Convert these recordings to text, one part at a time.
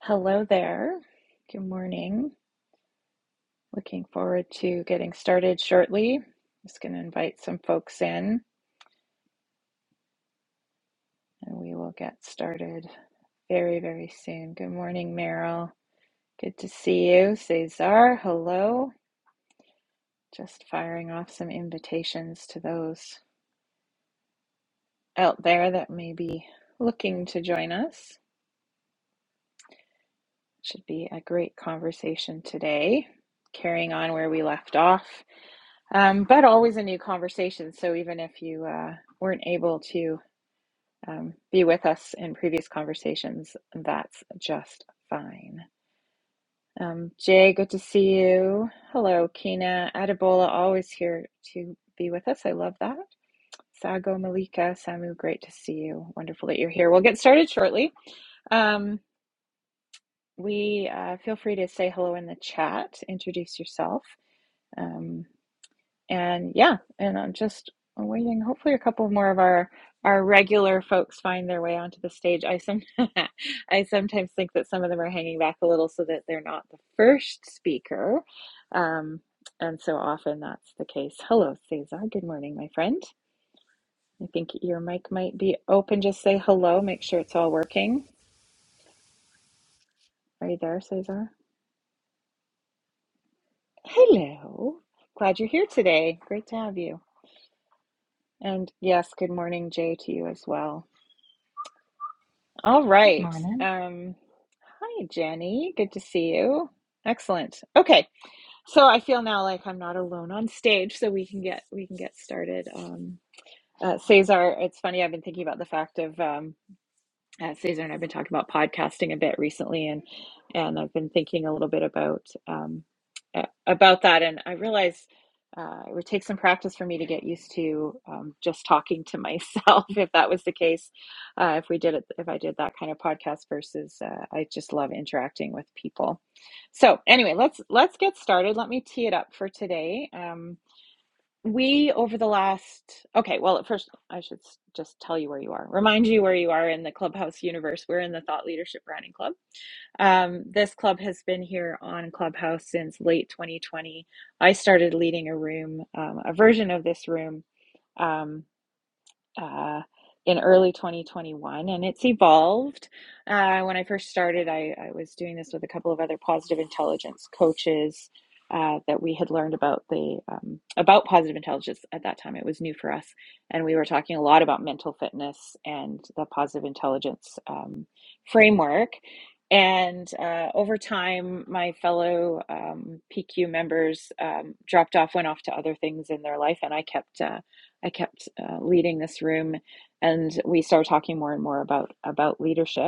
Hello there. Good morning. Looking forward to getting started shortly. Just going to invite some folks in and we will get started very, very soon. Good morning, Meryl. Good to see you. Cesar, hello. Just firing off some invitations to those out there that may be looking to join us. Should be a great conversation today. Carrying on where we left off Um, but always a new conversation. So even if you uh, weren't able to um, be with us in previous conversations, that's just fine. Um, Jay, good to see you. Hello, Kina. Adebola, always here to be with us. I love that. Sago, Malika, Samu, great to see you. Wonderful that you're here. We'll get started shortly. Um, we uh, feel free to say hello in the chat, introduce yourself. Um, and yeah, and I'm just waiting. Hopefully, a couple more of our our regular folks find their way onto the stage. I some I sometimes think that some of them are hanging back a little so that they're not the first speaker, um, and so often that's the case. Hello, Cesar. Good morning, my friend. I think your mic might be open. Just say hello. Make sure it's all working. Are you there, Cesar? Hello. Glad you're here today. Great to have you. And yes, good morning, Jay, to you as well. All right. Morning. Um, hi, Jenny. Good to see you. Excellent. Okay. So I feel now like I'm not alone on stage, so we can get we can get started. Um, uh, Cesar, it's funny. I've been thinking about the fact of um, uh, Cesar and I've been talking about podcasting a bit recently, and and I've been thinking a little bit about um, uh, about that. And I realize uh, it would take some practice for me to get used to um, just talking to myself. If that was the case, uh, if we did it, if I did that kind of podcast versus, uh, I just love interacting with people. So anyway, let's let's get started. Let me tee it up for today. Um, we, over the last, okay, well, at first, I should s- just tell you where you are, remind you where you are in the Clubhouse universe. We're in the Thought Leadership Branding Club. Um, this club has been here on Clubhouse since late 2020. I started leading a room, um, a version of this room. Um, uh, in early 2021 and it's evolved. Uh, when I first started, I, I was doing this with a couple of other positive intelligence coaches uh, that we had learned about the um, about positive intelligence at that time. It was new for us, and we were talking a lot about mental fitness and the positive intelligence um, framework. And uh, over time, my fellow um, PQ members um, dropped off, went off to other things in their life, and I kept. Uh, I kept uh, leading this room, and we started talking more and more about about leadership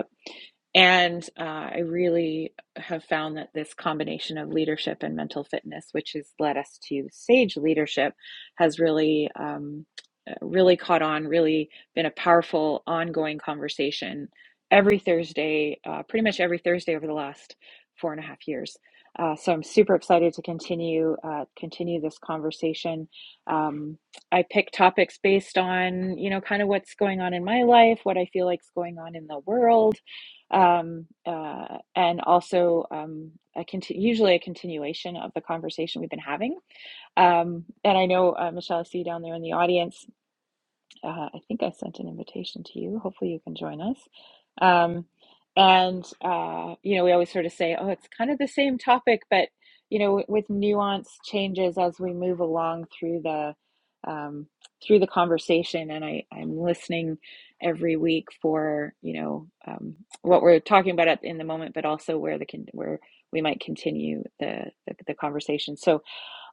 and uh, I really have found that this combination of leadership and mental fitness, which has led us to Sage Leadership, has really, um, uh, really caught on, really been a powerful ongoing conversation every Thursday, uh, pretty much every Thursday over the last four and a half years. Uh, so I'm super excited to continue uh, continue this conversation. Um, I pick topics based on you know kind of what's going on in my life, what I feel like's going on in the world um, uh, and also um, a conti- usually a continuation of the conversation we've been having. Um, and I know uh, Michelle, I see you down there in the audience. Uh, I think I sent an invitation to you. Hopefully, you can join us. Um, and, uh, you know, we always sort of say, oh, it's kind of the same topic, but, you know, w- with nuance changes as we move along through the um, through the conversation, and I, I'm listening every week for you know um, what we're talking about at, in the moment, but also where the con- where we might continue the, the the conversation. So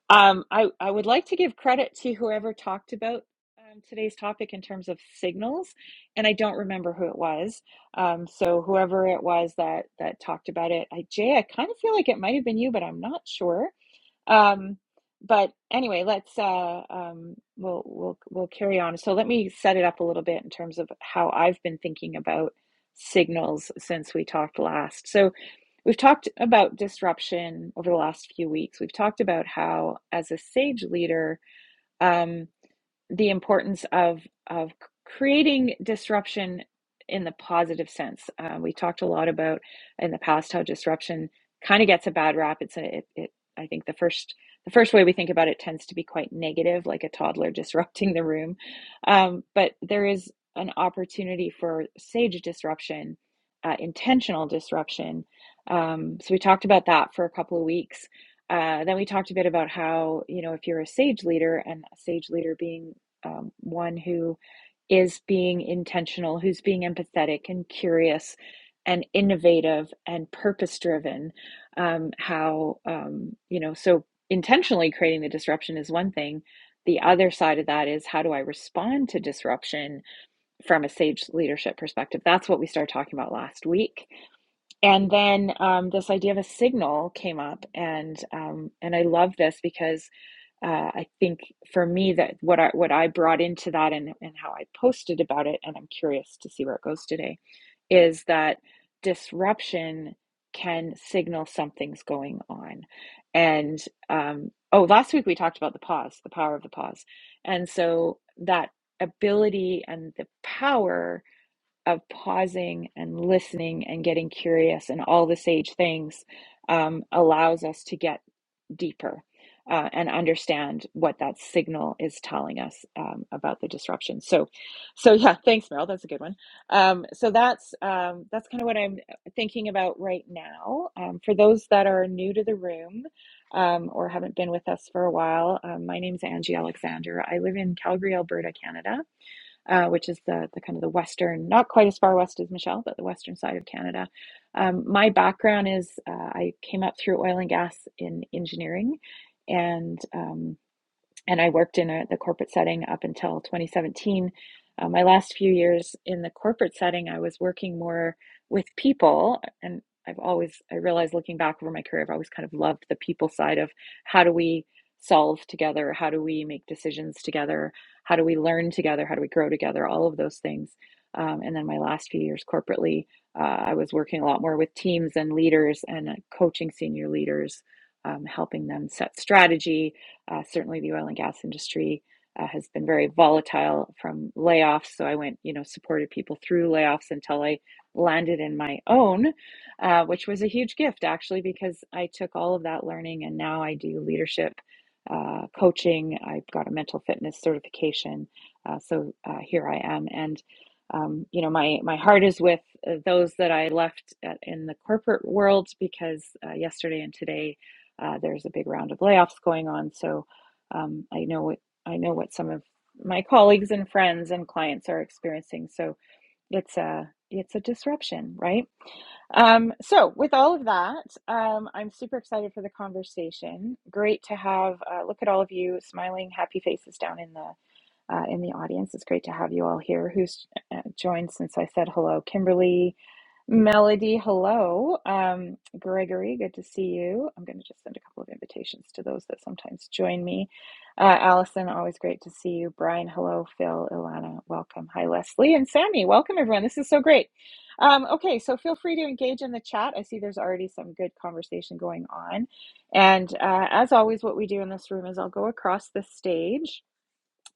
um, I, I would like to give credit to whoever talked about um, today's topic in terms of signals, and I don't remember who it was. Um, so whoever it was that that talked about it, I, Jay, I kind of feel like it might have been you, but I'm not sure. Um, but anyway, let's uh, um, we'll we'll we'll carry on. So let me set it up a little bit in terms of how I've been thinking about signals since we talked last. So We've talked about disruption over the last few weeks. We've talked about how, as a sage leader, um, the importance of of creating disruption in the positive sense. Uh, we talked a lot about in the past how disruption kind of gets a bad rap. It's a it, it I think the first the first way we think about it tends to be quite negative, like a toddler disrupting the room. Um, but there is an opportunity for sage disruption, uh, intentional disruption. Um, so we talked about that for a couple of weeks uh, then we talked a bit about how you know if you're a sage leader and a sage leader being um, one who is being intentional, who's being empathetic and curious and innovative and purpose driven. Um, how, um, you know, so intentionally creating the disruption is one thing. The other side of that is how do I respond to disruption from a sage leadership perspective? That's what we started talking about last week. And then um, this idea of a signal came up, and um, and I love this because uh, I think for me that what I what I brought into that and, and how I posted about it, and I'm curious to see where it goes today, is that disruption can signal something's going on. And um, oh, last week we talked about the pause, the power of the pause. And so that ability and the power of pausing and listening and getting curious and all the sage things um, allows us to get deeper uh, and understand what that signal is telling us um, about the disruption. So, so yeah, thanks, Meryl. That's a good one. Um, so that's um, that's kind of what I'm thinking about right now. Um, for those that are new to the room um, or haven't been with us for a while, um, my name's Angie Alexander. I live in Calgary, Alberta, Canada uh, which is the, the kind of the western, not quite as far west as Michelle, but the western side of Canada. Um, my background is uh, I came up through oil and gas in engineering, and um, and I worked in a, the corporate setting up until 2017. Uh, my last few years in the corporate setting, I was working more with people. And I've always, I realize looking back over my career, I've always kind of loved the people side of how do we solve together? How do we make decisions together? How do we learn together? How do we grow together? All of those things. Um, and then my last few years corporately, uh, I was working a lot more with teams and leaders and uh, coaching senior leaders, um, helping them set strategy, uh, certainly, the oil and gas industry uh, has been very volatile from layoffs. So I went, you know, supported people through layoffs until I landed in my own, uh, which was a huge gift actually, because I took all of that learning and now I do leadership uh, coaching. I've got a mental fitness certification. Uh, so uh, here I am. And um, you know, my my heart is with uh, those that I left at, in the corporate world because uh, yesterday and today uh, there's a big round of layoffs going on, so um, I know what I know what some of my colleagues and friends and clients are experiencing. So it's a it's a disruption, right? Um, so, with all of that, um, I'm super excited for the conversation. Great to have uh, look at all of you smiling, happy faces down in the uh, in the audience. It's great to have you all here who's uh, joined since I said hello. Kimberly, Melody, hello. Um, Gregory, good to see you. I'm going to just send a couple of invitations to those that sometimes join me. Uh, Allison, always great to see you. Brian, hello. Phil, Ilana, welcome. Hi, Leslie and Sammy. Welcome, everyone. This is so great. Um, okay, so feel free to engage in the chat. I see there's already some good conversation going on. And uh, as always, what we do in this room is I'll go across the stage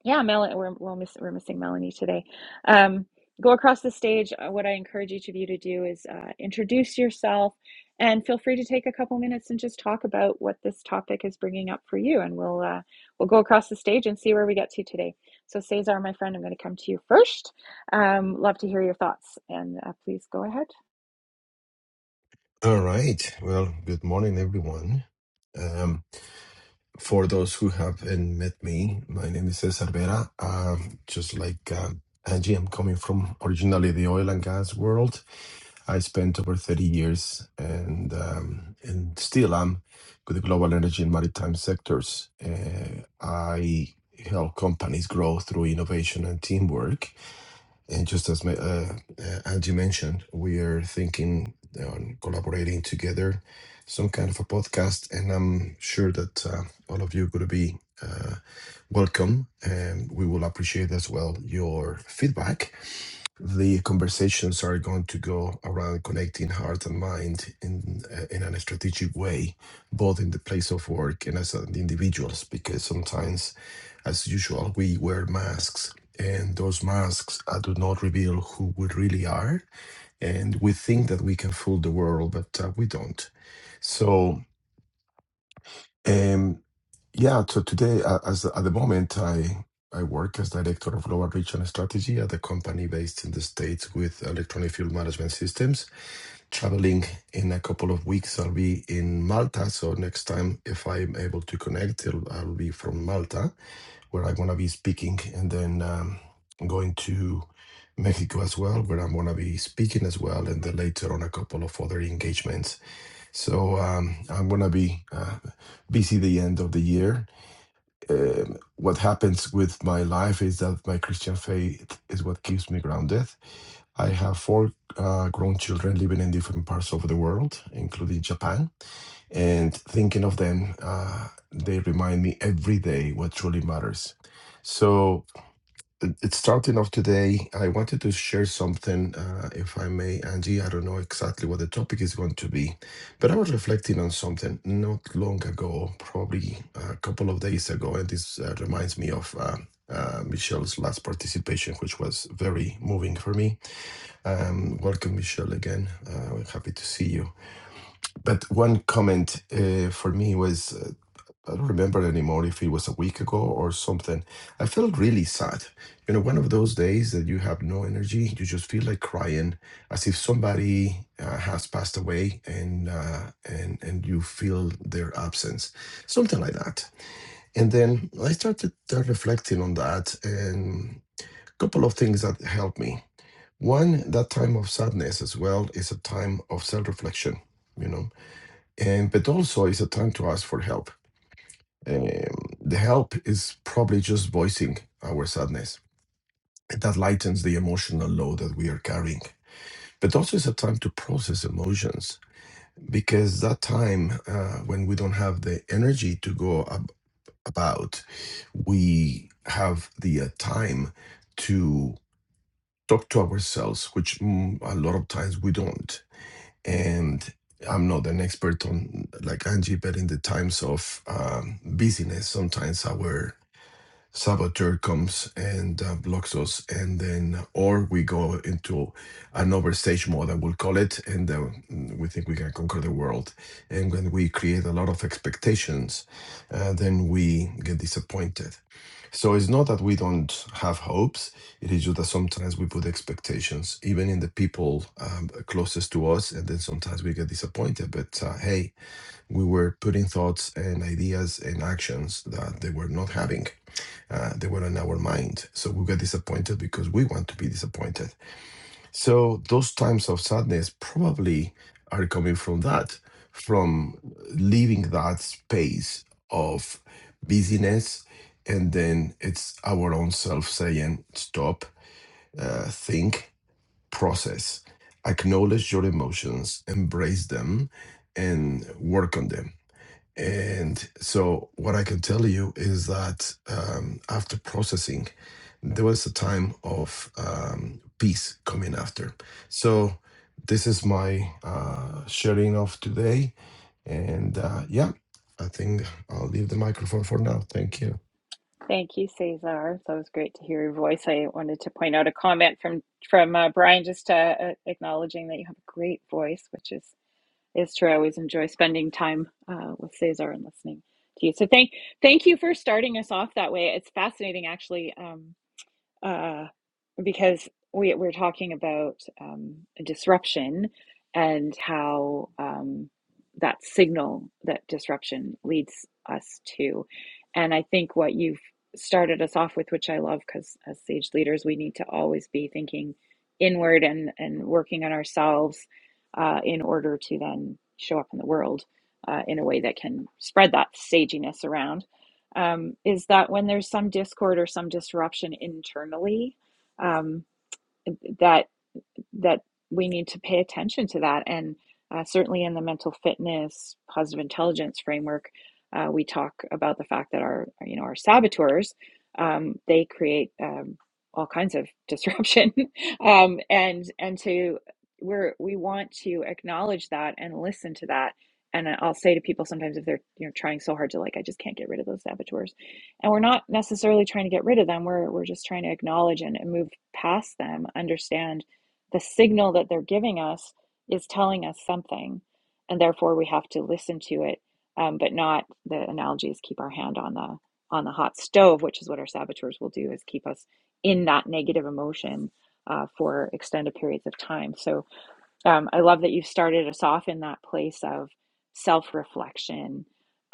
yeah, Melanie, we're we'll miss, we're missing Melanie today. Um, go across the stage. Uh, What I encourage each of you to do is uh, introduce yourself, and feel free to take a couple minutes and just talk about what this topic is bringing up for you. And we'll uh, we'll go across the stage and see where we get to today. So, Cesar, my friend, I'm going to come to you first. Um, love to hear your thoughts, and uh, please go ahead. All right. Well, good morning, everyone. Um, for those who haven't met me, my name is Cesar Vera. Um, just like uh, Angie, I'm coming from originally the oil and gas world. I spent over 30 years and um, and still am with the global energy and maritime sectors. Uh, I help companies grow through innovation and teamwork and just as my, uh, uh, Angie mentioned, we are thinking on collaborating together, some kind of a podcast. And I'm sure that uh, all of you are going to be uh, welcome. And we will appreciate as well your feedback the conversations are going to go around connecting heart and mind in uh, in a strategic way, both in the place of work and as an individuals. Because sometimes, as usual, we wear masks, and those masks uh, do not reveal who we really are. And we think that we can fool the world, but uh, we don't. So. um. Yeah, so today, uh, as at the moment, I I work as director of global reach and strategy at a company based in the States with electronic fuel management systems. Traveling in a couple of weeks, I'll be in Malta. So next time, if I'm able to connect, it'll, I'll be from Malta, where I'm gonna be speaking, and then um, going to Mexico as well, where I'm gonna be speaking as well, and then later on a couple of other engagements. So um, I'm gonna be uh, busy the end of the year um, what happens with my life is that my Christian faith is what keeps me grounded. I have four uh, grown children living in different parts of the world, including Japan. And thinking of them, uh, they remind me every day what truly matters. So, it- it's starting off today. I wanted to share something, uh, if I may, Angie. I don't know exactly what the topic is going to be, but I was reflecting on something not long ago, probably a couple of days ago, and this uh, reminds me of. Uh, uh, Michelle's last participation, which was very moving for me. Um, welcome, Michelle, again. Uh, we're happy to see you. But one comment uh, for me was uh, I don't remember anymore if it was a week ago or something. I felt really sad. You know, one of those days that you have no energy, you just feel like crying, as if somebody uh, has passed away, and uh, and and you feel their absence, something like that. And then I started uh, reflecting on that, and a couple of things that helped me. One, that time of sadness as well is a time of self-reflection. You know, and but also it's a time to ask for help um, the help is probably just voicing our sadness. That lightens the emotional load that we are carrying. But also, it's a time to process emotions because that time uh, when we don't have the energy to go ab- about, we have the uh, time to talk to ourselves, which mm, a lot of times we don't. And I'm not an expert on like Angie, but in the times of um, busyness, sometimes our saboteur comes and uh, blocks us and then or we go into an overstage mode i will call it and uh, we think we can conquer the world and when we create a lot of expectations uh, then we get disappointed so it's not that we don't have hopes it is just that sometimes we put expectations even in the people um, closest to us and then sometimes we get disappointed but uh, hey we were putting thoughts and ideas and actions that they were not having uh, they were in our mind. So we got disappointed because we want to be disappointed. So those times of sadness probably are coming from that, from leaving that space of busyness. And then it's our own self saying, stop, uh, think, process, acknowledge your emotions, embrace them, and work on them and so, what I can tell you is that um, after processing, there was a time of um, peace coming after. So, this is my uh, sharing of today. And uh, yeah, I think I'll leave the microphone for now. Thank you. Thank you, Cesar. That was great to hear your voice. I wanted to point out a comment from from uh, Brian, just uh, uh, acknowledging that you have a great voice, which is It's true. I always enjoy spending time uh, with Cesar and listening to you. So thank thank you for starting us off that way. It's fascinating, actually. Um, uh, because we we're talking about um, disruption and how um, that signal that disruption leads us to. And I think what you've started us off with, which I love, because as sage leaders, we need to always be thinking inward and and working on ourselves uh, in order to then show up in the world uh, in a way that can spread that saginess around. Um, is that when there's some discord or some disruption internally, um, that that we need to pay attention to that. And uh, certainly in the mental fitness, positive intelligence framework, uh, we talk about the fact that our, you know, our saboteurs, um, they create um, all kinds of disruption, um, and and to we're we want to acknowledge that and listen to that. And I'll say to people sometimes if they're you know trying so hard to like I just can't get rid of those saboteurs, and we're not necessarily trying to get rid of them. We're we're just trying to acknowledge and, and move past them, understand the signal that they're giving us is telling us something, and therefore we have to listen to it, um, but not the analogy is keep our hand on the on the hot stove, which is what our saboteurs will do, is keep us in that negative emotion uh, for extended periods of time. So um, I love that you've started us off in that place of self reflection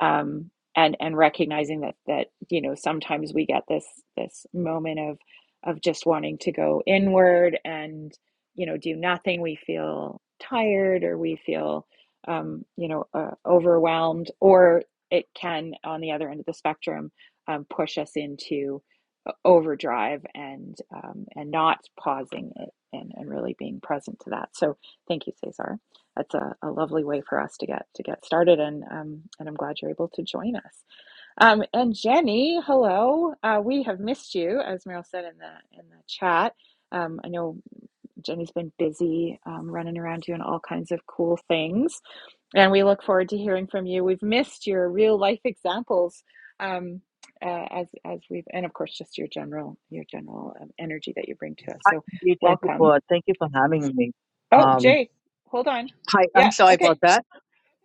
um, and and recognizing that that you know sometimes we get this this moment of of just wanting to go inward and you know do nothing. We feel tired or we feel um, you know uh, overwhelmed, or it can on the other end of the spectrum um, push us into uh, overdrive and um, and not pausing it and, and really being present to that. So Thank you, Cesar. That's a, a lovely way for us to get to get started, and um, and I'm glad you're able to join us. Um, and Jenny, hello. Uh, we have missed you, as Meryl said in the in the chat. Um, I know Jenny's been busy um, running around doing all kinds of cool things, and we look forward to hearing from you. We've missed your real life examples. Um, uh, as as we've and of course just your general your general um, energy that you bring to us so you. Thank you welcome for thank you for having me. oh Um, jay hold on hi, yeah. I'm sorry Okay. about that.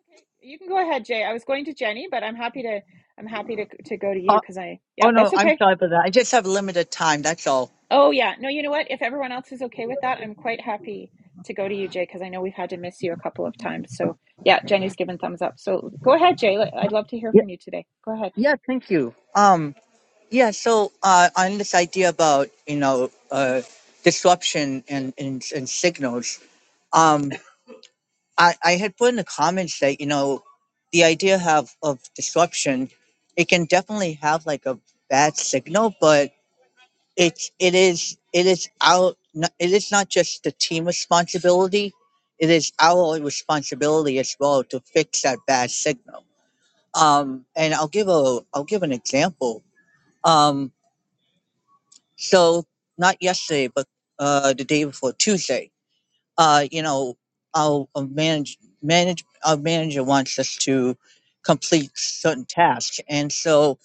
Okay, you can go ahead, Jay. I was going to Jenny, but I'm happy to I'm happy to to go to Uh, you because I oh yeah, no, that's I'm okay. sorry about that. I just have limited time. That's all. Oh yeah, no, you know what? If everyone else is okay with that, I'm quite happy to go to you, Jay, because I know we've had to miss you a couple of times. So yeah, Jenny's given thumbs up. So go ahead, Jay. L- I'd love to hear Yeah, from you today. Go ahead. yeah. Thank you. Um, yeah. So uh, on this idea about you know uh, disruption and and, and signals, um, I, I had put in the comments that you know the idea have of disruption, it can definitely have like a bad signal, but it's it is it is our n- it is not just the team responsibility it is our responsibility as well to fix that bad signal um and i'll give a i'll give an example um so not yesterday but uh the day before tuesday uh you know our our manage manage our manager wants us to complete certain tasks and so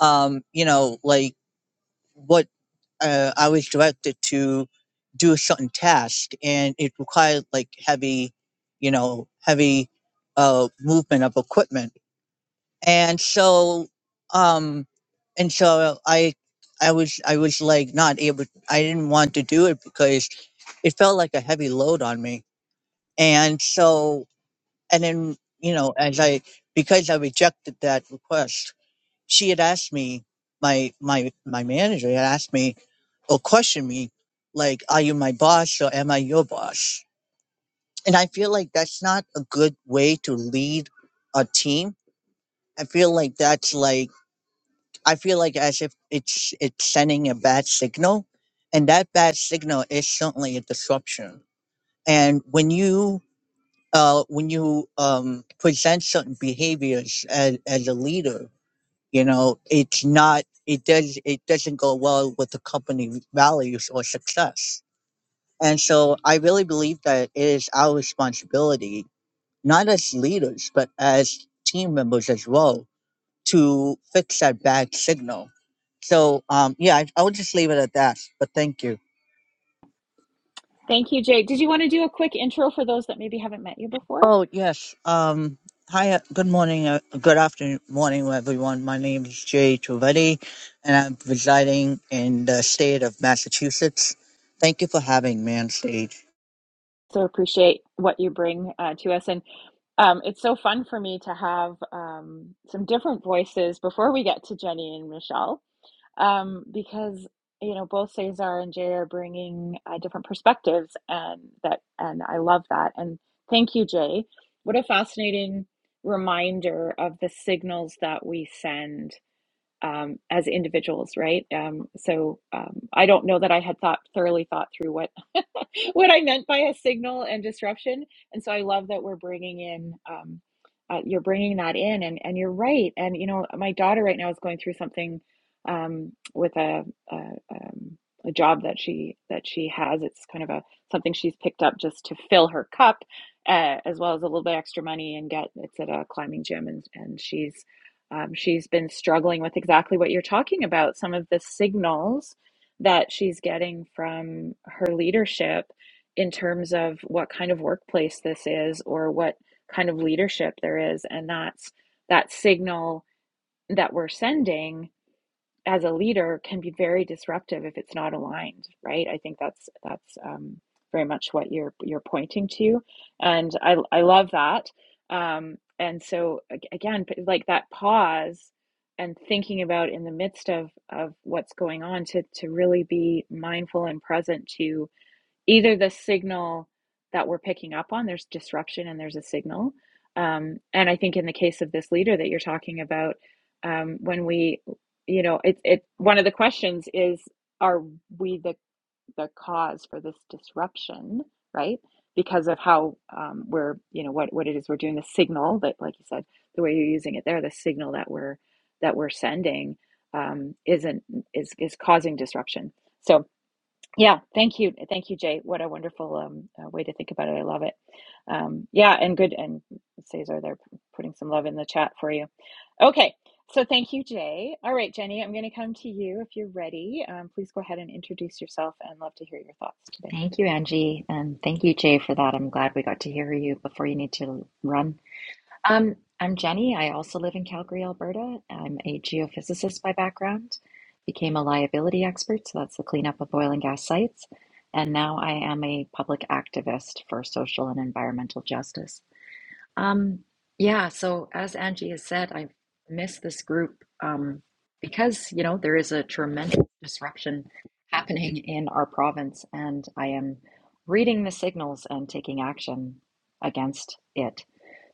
um you know like what uh, I was directed to do a certain task, and it required like heavy, you know, heavy uh, movement of equipment. And so, um, and so I, I was, I was like not able. I didn't want to do it because it felt like a heavy load on me. And so, and then you know, as I because I rejected that request, she had asked me, my my my manager had asked me or question me like are you my boss or am i your boss and i feel like that's not a good way to lead a team i feel like that's like i feel like as if it's it's sending a bad signal and that bad signal is certainly a disruption and when you uh, when you um, present certain behaviors as, as a leader you know it's not it does it doesn't go well with the company values or success And so I really believe that it is our responsibility, not as leaders, but as team members as well, to fix that bad signal. So um, yeah, I, I would just leave it at that. But thank you. Thank you, Jay. Did you want to do a quick intro for those that maybe haven't met you before? Oh yes. Um, hi. uh, Good morning. Uh, good afternoon. Morning, everyone. My name is Jay Trivedi, and I'm residing in the state of Massachusetts. Thank you for having me on stage. So appreciate what you bring uh, to us, and um, it's so fun for me to have um, some different voices before we get to Jenny and Michelle um, because you know both Cesar and Jay are bringing uh, different perspectives, and that and I love that. And thank you, Jay. What a fascinating reminder of the signals that we send um, as individuals, right? Um, so um, I don't know that I had thought thoroughly thought through what what I meant by a signal and disruption, and so I love that we're bringing in um, uh, you're bringing that in, and and you're right. And you know, my daughter right now is going through something um, with a, a um, a job that she that she has. It's kind of a something she's picked up just to fill her cup, uh, as well as a little bit extra money and get. It's at a climbing gym, and and she's um, she's been struggling with exactly what you're talking about, some of the signals that she's getting from her leadership in terms of what kind of workplace this is or what kind of leadership there is. And that's that signal that we're sending as a leader can be very disruptive if it's not aligned, right? I think that's that's um, very much what you're you're pointing to, and I I love that. Um, and so again, like that pause and thinking about in the midst of of what's going on to to really be mindful and present to either the signal that we're picking up on, there's disruption and there's a signal. Um, and I think in the case of this leader that you're talking about, um, when we, you know, it, it, one of the questions is, are we the, the cause for this disruption, right? Because of how um, we're, you know, what, what it is we're doing, the signal that, like you said, the way you're using it there, the signal that we're, that we're sending um, isn't, is, is causing disruption. So. Yeah, thank you. Thank you, Jay. What a wonderful um, uh, way to think about it. I love it. Um, yeah, and good. And Cesar, they're putting some love in the chat for you. Okay, so thank you, Jay. All right, Jenny, I'm going to come to you if you're ready. Um, please go ahead and introduce yourself and love to hear your thoughts today. Thank you, Angie. And thank you, Jay, for that. I'm glad we got to hear you before you need to run. Um, I'm Jenny. I also live in Calgary, Alberta. I'm a geophysicist by background, became a liability expert, so that's the cleanup of oil and gas sites. And now I am a public activist for social and environmental justice. Um, yeah, so as Angie has said, I miss this group um, because, you know, there is a tremendous disruption happening in our province, and I am reading the signals and taking action against it.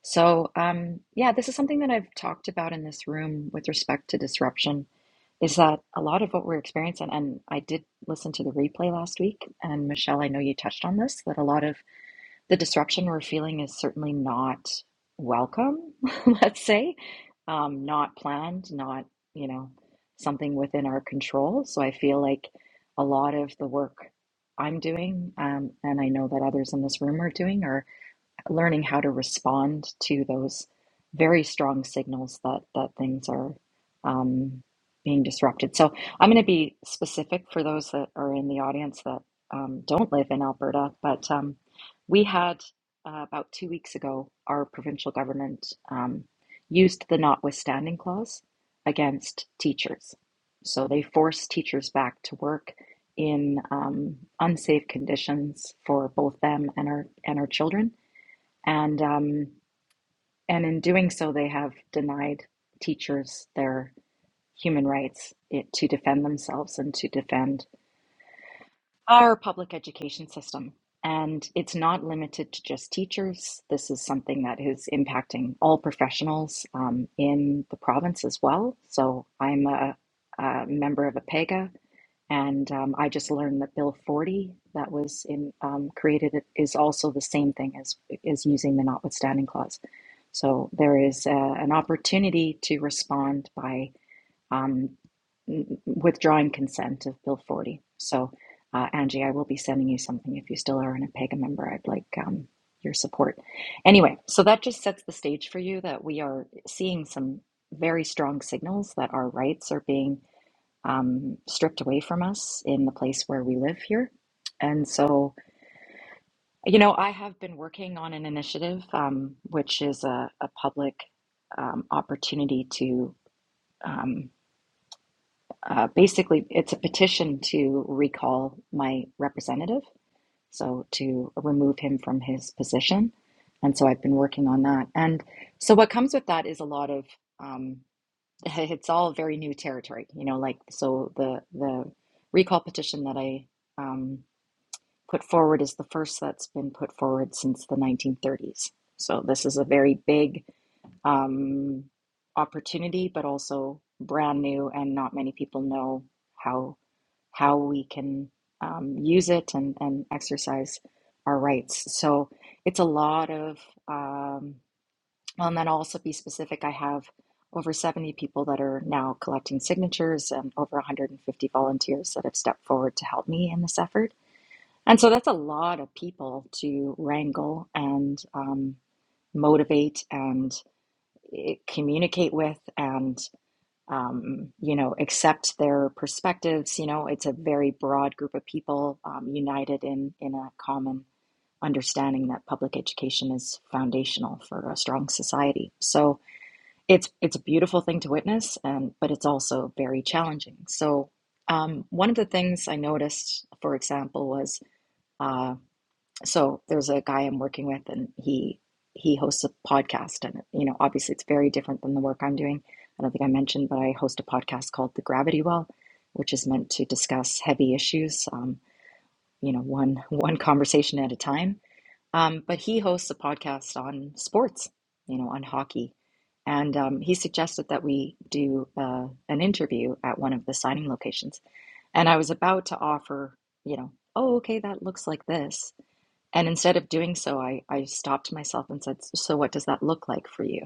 So, um, yeah, this is something that I've talked about in this room with respect to disruption, is that a lot of what we're experiencing, and I did listen to the replay last week, and Michelle, I know you touched on this, that a lot of the disruption we're feeling is certainly not welcome, let's say, um, not planned, not, you know, something within our control. So I feel like a lot of the work I'm doing, um, and I know that others in this room are doing, are learning how to respond to those very strong signals that that things are um, being disrupted. So I'm going to be specific for those that are in the audience that um, don't live in Alberta, but um, we had uh, about two weeks ago our provincial government um, used the notwithstanding clause against teachers. So they forced teachers back to work in um, unsafe conditions for both them and our and our children and um, and in doing so, they have denied teachers their human rights it, to defend themselves and to defend our public education system. And it's not limited to just teachers. This is something that is impacting all professionals um, in the province as well. So I'm a, a member of APEGA, and um, I just learned that Bill 40 that was in, um, created is also the same thing as is using the notwithstanding clause. So there is uh, an opportunity to respond by um, withdrawing consent of Bill 40. So, uh, Angie, I will be sending you something if you still are an APEGA member. I'd like um, your support. Anyway, so that just sets the stage for you that we are seeing some very strong signals that our rights are being um, stripped away from us in the place where we live here. And so, you know, I have been working on an initiative, um, which is a, a public um, opportunity to um, uh, basically, it's a petition to recall my representative, so to remove him from his position. And so I've been working on that. And so what comes with that is a lot of, um, it's all very new territory, you know, like, so the, the recall petition that I, um, put forward is the first that's been put forward since the 1930s. So this is a very big um, opportunity, but also brand new, and not many people know how how we can um, use it and and exercise our rights. So it's a lot of, um, and then I'll also be specific. I have over 70 people that are now collecting signatures and over 150 volunteers that have stepped forward to help me in this effort and so that's a lot of people to wrangle and um, motivate and eh, communicate with and um, you know accept their perspectives you know it's a very broad group of people um, united in in a common understanding that public education is foundational for a strong society so it's it's a beautiful thing to witness and but it's also very challenging so um, one of the things i noticed for example was uh, so there's a guy I'm working with, and he he hosts a podcast, and you know, obviously, it's very different than the work I'm doing. I don't think I mentioned, but I host a podcast called The Gravity Well, which is meant to discuss heavy issues, um, you know, one one conversation at a time. Um, but he hosts a podcast on sports, you know, on hockey, and um, he suggested that we do uh, an interview at one of the signing locations, and I was about to offer, you know, oh, okay, that looks like this and instead of doing so, I, I stopped myself and said, "So what does that look like for you?"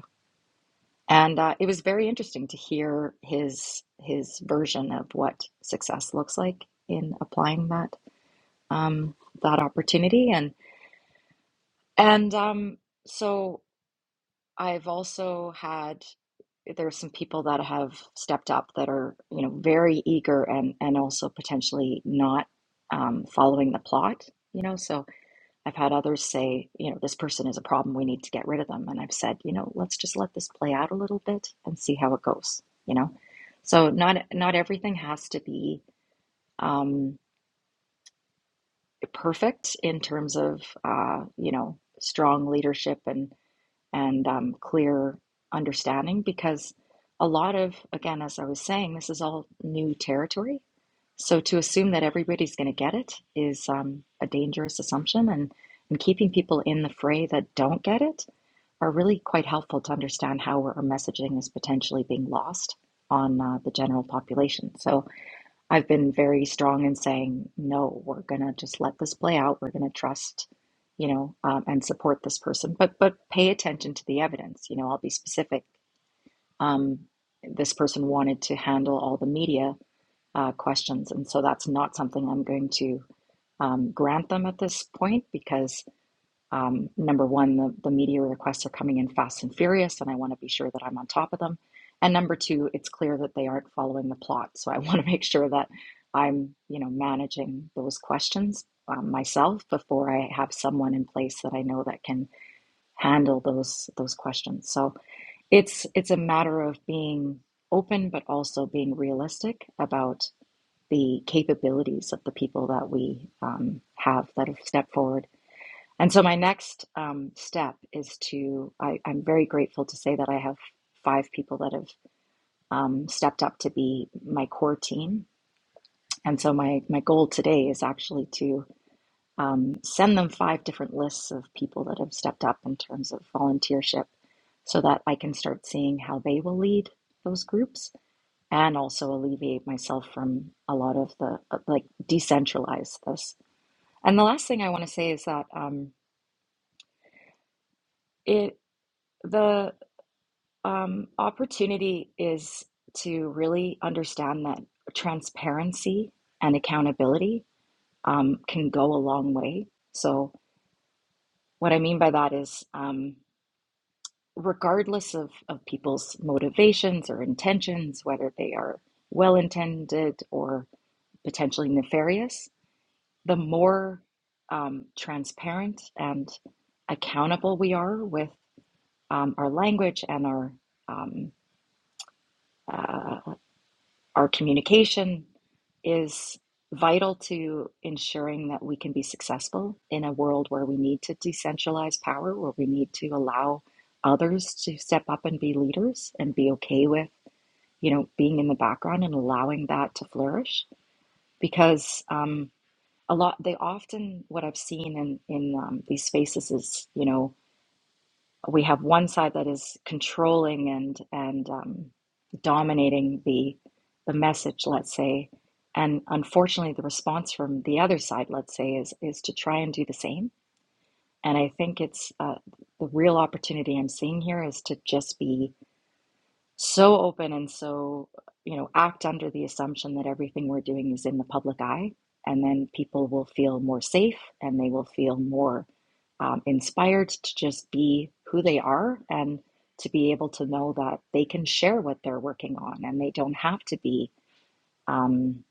And uh, it was very interesting to hear his his version of what success looks like in applying that um, that opportunity. And and um, so I've also had there are some people that have stepped up that are you know very eager and and also potentially not um, following the plot. You know, so I've had others say, you know, this person is a problem. We need to get rid of them. And I've said, you know, let's just let this play out a little bit and see how it goes. You know, so not not everything has to be um, perfect in terms of uh, you know strong leadership and and um, clear understanding because a lot of, again, as I was saying, this is all new territory. So to assume that everybody's going to get it is um, a dangerous assumption, and, and keeping people in the fray that don't get it are really quite helpful to understand how our messaging is potentially being lost on uh, the general population. So I've been very strong in saying, no, we're gonna just let this play out. We're gonna trust, you know, um, and support this person, but but pay attention to the evidence. You know, I'll be specific. Um, this person wanted to handle all the media uh, questions, and so that's not something I'm going to um, grant them at this point because um, number one, the, the media requests are coming in fast and furious, and I want to be sure that I'm on top of them. And number two, it's clear that they aren't following the plot, so I want to make sure that I'm, you know, managing those questions um, myself before I have someone in place that I know that can handle those those questions. So it's it's a matter of being open, but also being realistic about the capabilities of the people that we um, have that have stepped forward and so my next um, step is to, I, I'm very grateful to say that I have five people that have um, stepped up to be my core team. And so my, my goal today is actually to um, send them five different lists of people that have stepped up in terms of volunteership so that I can start seeing how they will lead those groups and also alleviate myself from a lot of the uh, like decentralize this. And the last thing I want to say is that um, it the Um, opportunity is to really understand that transparency and accountability um, can go a long way. So, what I mean by that is, um, regardless of, of people's motivations or intentions, whether they are well intended or potentially nefarious, the more um, transparent and accountable we are with um, our language and our um, uh, Our communication is vital to ensuring that we can be successful in a world where we need to decentralize power, where we need to allow others to step up and be leaders and be okay with, you know, being in the background and allowing that to flourish. Because um, a lot, they often, what I've seen in in um, these spaces is, you know, we have one side that is controlling and and um, dominating the the message, let's say, and unfortunately, the response from the other side, let's say, is is to try and do the same. And I think it's uh, the real opportunity I'm seeing here is to just be so open and so, you know, act under the assumption that everything we're doing is in the public eye. And then people will feel more safe and they will feel more um, inspired to just be who they are and to be able to know that they can share what they're working on and they don't have to be um,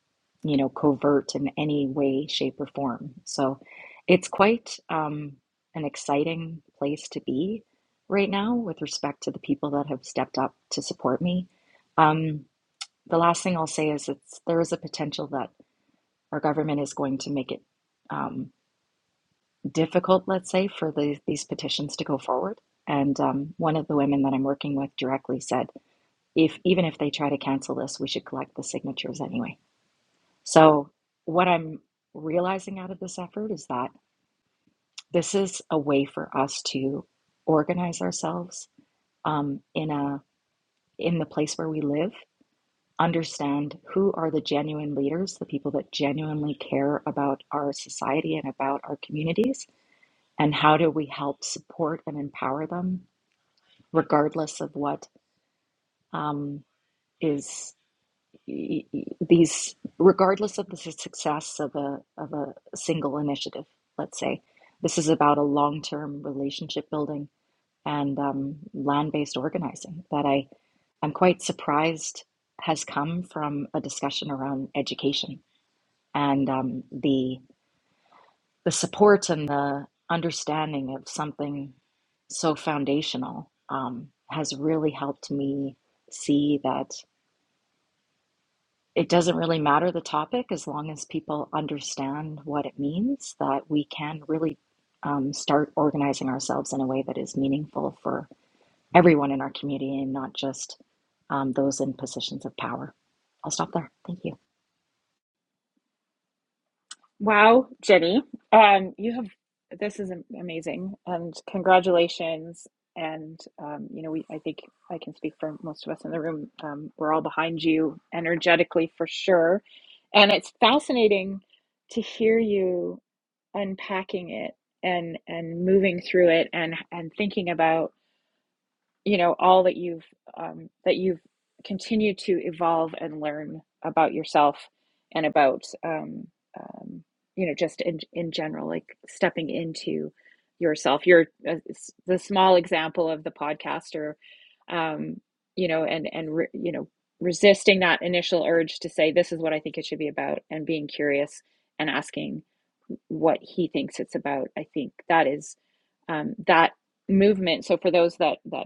you know, covert in any way, shape, or form. So it's quite um, an exciting place to be right now with respect to the people that have stepped up to support me. Um, the last thing I'll say is it's there is a potential that our government is going to make it um, difficult, let's say, for the, these petitions to go forward. And um, one of the women that I'm working with directly said, if even if they try to cancel this, we should collect the signatures anyway. So, what I'm realizing out of this effort is that this is a way for us to organize ourselves um, in a in the place where we live, understand who are the genuine leaders, the people that genuinely care about our society and about our communities, and how do we help support and empower them, regardless of what um, is. y- y- these, regardless of the su- success of a of a single initiative, let's say, this is about a long-term relationship building and um, land-based organizing that I I'm quite surprised has come from a discussion around education and um, the the support and the understanding of something so foundational um, has really helped me see that. it doesn't really matter the topic as long as people understand what it means that we can really um, start organizing ourselves in a way that is meaningful for everyone in our community and not just um, those in positions of power. I'll stop there. Thank you. Wow, Jenny, um, you have this is am- amazing, and congratulations. And um, you know, we I think I can speak for most of us in the room. Um, we're all behind you energetically for sure, and it's fascinating to hear you unpacking it and and moving through it and and thinking about you know all that you've um, that you've continued to evolve and learn about yourself and about um, um, you know just in in general like stepping into yourself you're uh, the small example of the podcaster um, you know and and re, you know resisting that initial urge to say this is what i think it should be about and being curious and asking what he thinks it's about i think that is um, that movement so for those that that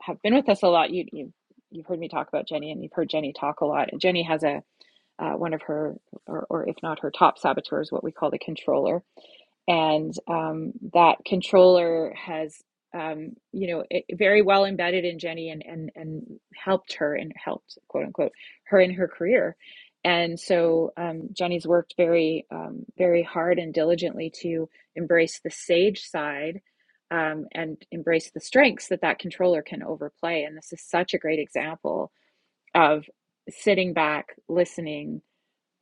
have been with us a lot, you, you you've heard me talk about Jenny, and you've heard Jenny talk a lot. Jenny has a uh, one of her, or, or if not her top saboteurs, what we call the controller, and um, that controller has um, you know it, very well embedded in Jenny and and and helped her and helped quote unquote her in her career and so um, Jenny's worked very um, very hard and diligently to embrace the sage side um, and embrace the strengths that that controller can overplay and this is such a great example of sitting back listening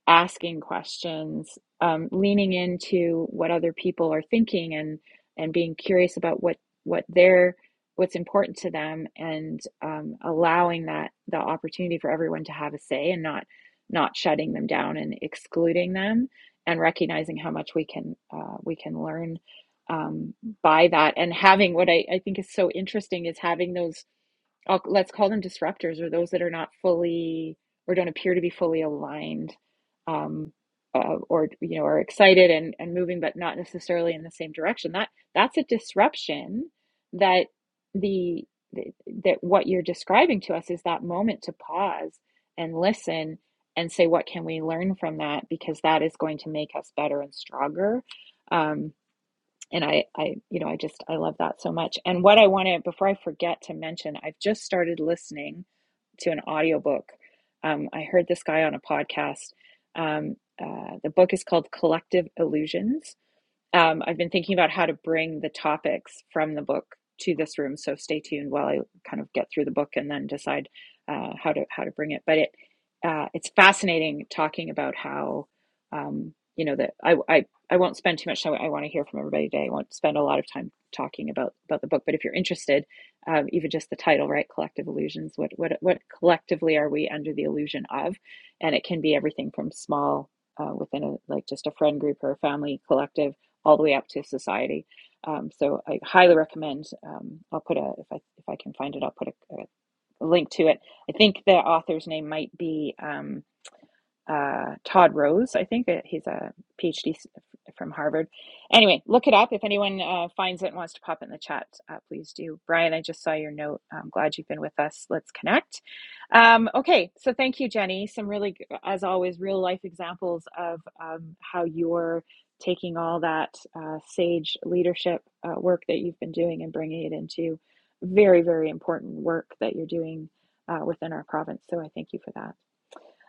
asking questions, um, leaning into what other people are thinking and and being curious about what what they're what's important to them and um, allowing that the opportunity for everyone to have a say and not not shutting them down and excluding them and recognizing how much we can uh, we can learn um, by that and having what I, I think is so interesting is having those I'll, let's call them disruptors or those that are not fully or don't appear to be fully aligned um, uh, or you know are excited and, and moving but not necessarily in the same direction that that's a disruption that the that what you're describing to us is that moment to pause and listen and say what can we learn from that because that is going to make us better and stronger Um, and I, I, you know, I just I love that so much. And what I want to before I forget to mention, I've just started listening to an audiobook. Um, I heard this guy on a podcast. Um, uh, the book is called Collective Illusions, um, I've been thinking about how to bring the topics from the book to this room, so stay tuned while I kind of get through the book and then decide uh, how to how to bring it. But it uh, it's fascinating talking about how um, you know that I, I I won't spend too much time. I want to hear from everybody today. I won't spend a lot of time talking about about the book. But if you're interested, um, even just the title, right? Collective illusions. What what what collectively are we under the illusion of? And it can be everything from small uh, within a like just a friend group or a family collective all the way up to society. Um, so I highly recommend. Um, I'll put a if I if I can find it, I'll put a, a link to it. I think the author's name might be. Um, uh, Todd Rose, I think. Uh, He's a PhD from Harvard. Anyway, look it up. If anyone uh, finds it and wants to pop it in the chat, uh, please do. Brian, I just saw your note. I'm glad you've been with us. Let's connect. Um, okay, so thank you, Jenny. Some really, as always, real life examples of um, how you're taking all that uh, sage leadership uh, work that you've been doing and bringing it into very, very important work that you're doing uh, within our province. So I thank you for that.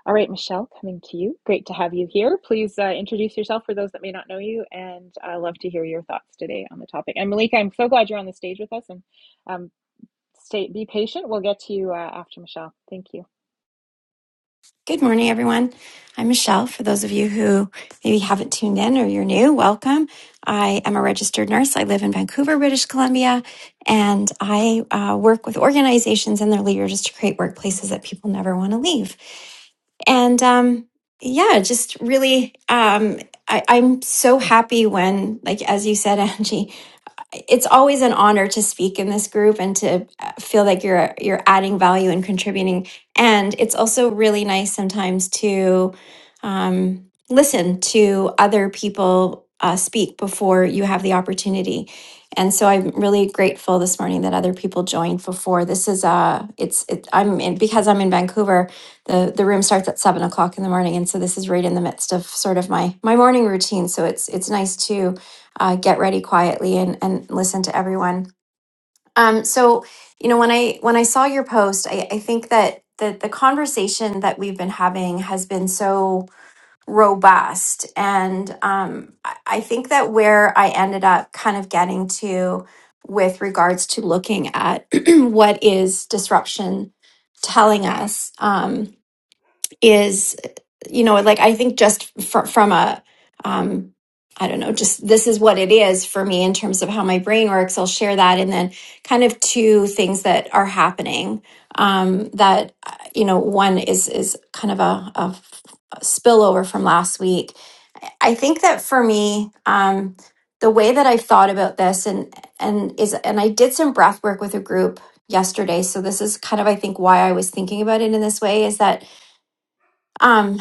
All right, Michelle, coming to you. Great to have you here. Please uh, introduce yourself for those that may not know you, and I love to hear your thoughts today on the topic. And Malika, I'm so glad you're on the stage with us, and um, stay be patient. We'll get to you uh, after Michelle. Thank you. Good morning, everyone. I'm Michelle. For those of you who maybe haven't tuned in or you're new, welcome. I am a registered nurse. I live in Vancouver, British Columbia, and I uh, work with organizations and their leaders to create workplaces that people never want to leave. And um, yeah, just really, um, I, I'm so happy when, like, as you said, Angie, it's always an honor to speak in this group and to uh, feel like you're you're adding value and contributing. And it's also really nice sometimes to um, listen to other people uh, speak before you have the opportunity. And so I'm really grateful this morning that other people joined before. This is uh, it's it, I'm in, because I'm in Vancouver. the The room starts at seven o'clock in the morning, and so this is right in the midst of sort of my my morning routine. So it's it's nice to uh, get ready quietly and and listen to everyone. Um, so you know when I when I saw your post, I, I think that the the conversation that we've been having has been so robust, and um, I I think that where I ended up kind of getting to with regards to looking at what is disruption telling us um, is you know, like I think just fr- from a, um, I don't know, just this is what it is for me in terms of how my brain works. I'll share that. And then kind of two things that are happening um, that, uh, you know, one is, is kind of a, a spillover from last week. I think that for me, um, the way that I've thought about this and, and is, and I did some breath work with a group yesterday. So this is kind of, I think why I was thinking about it in this way is that, um,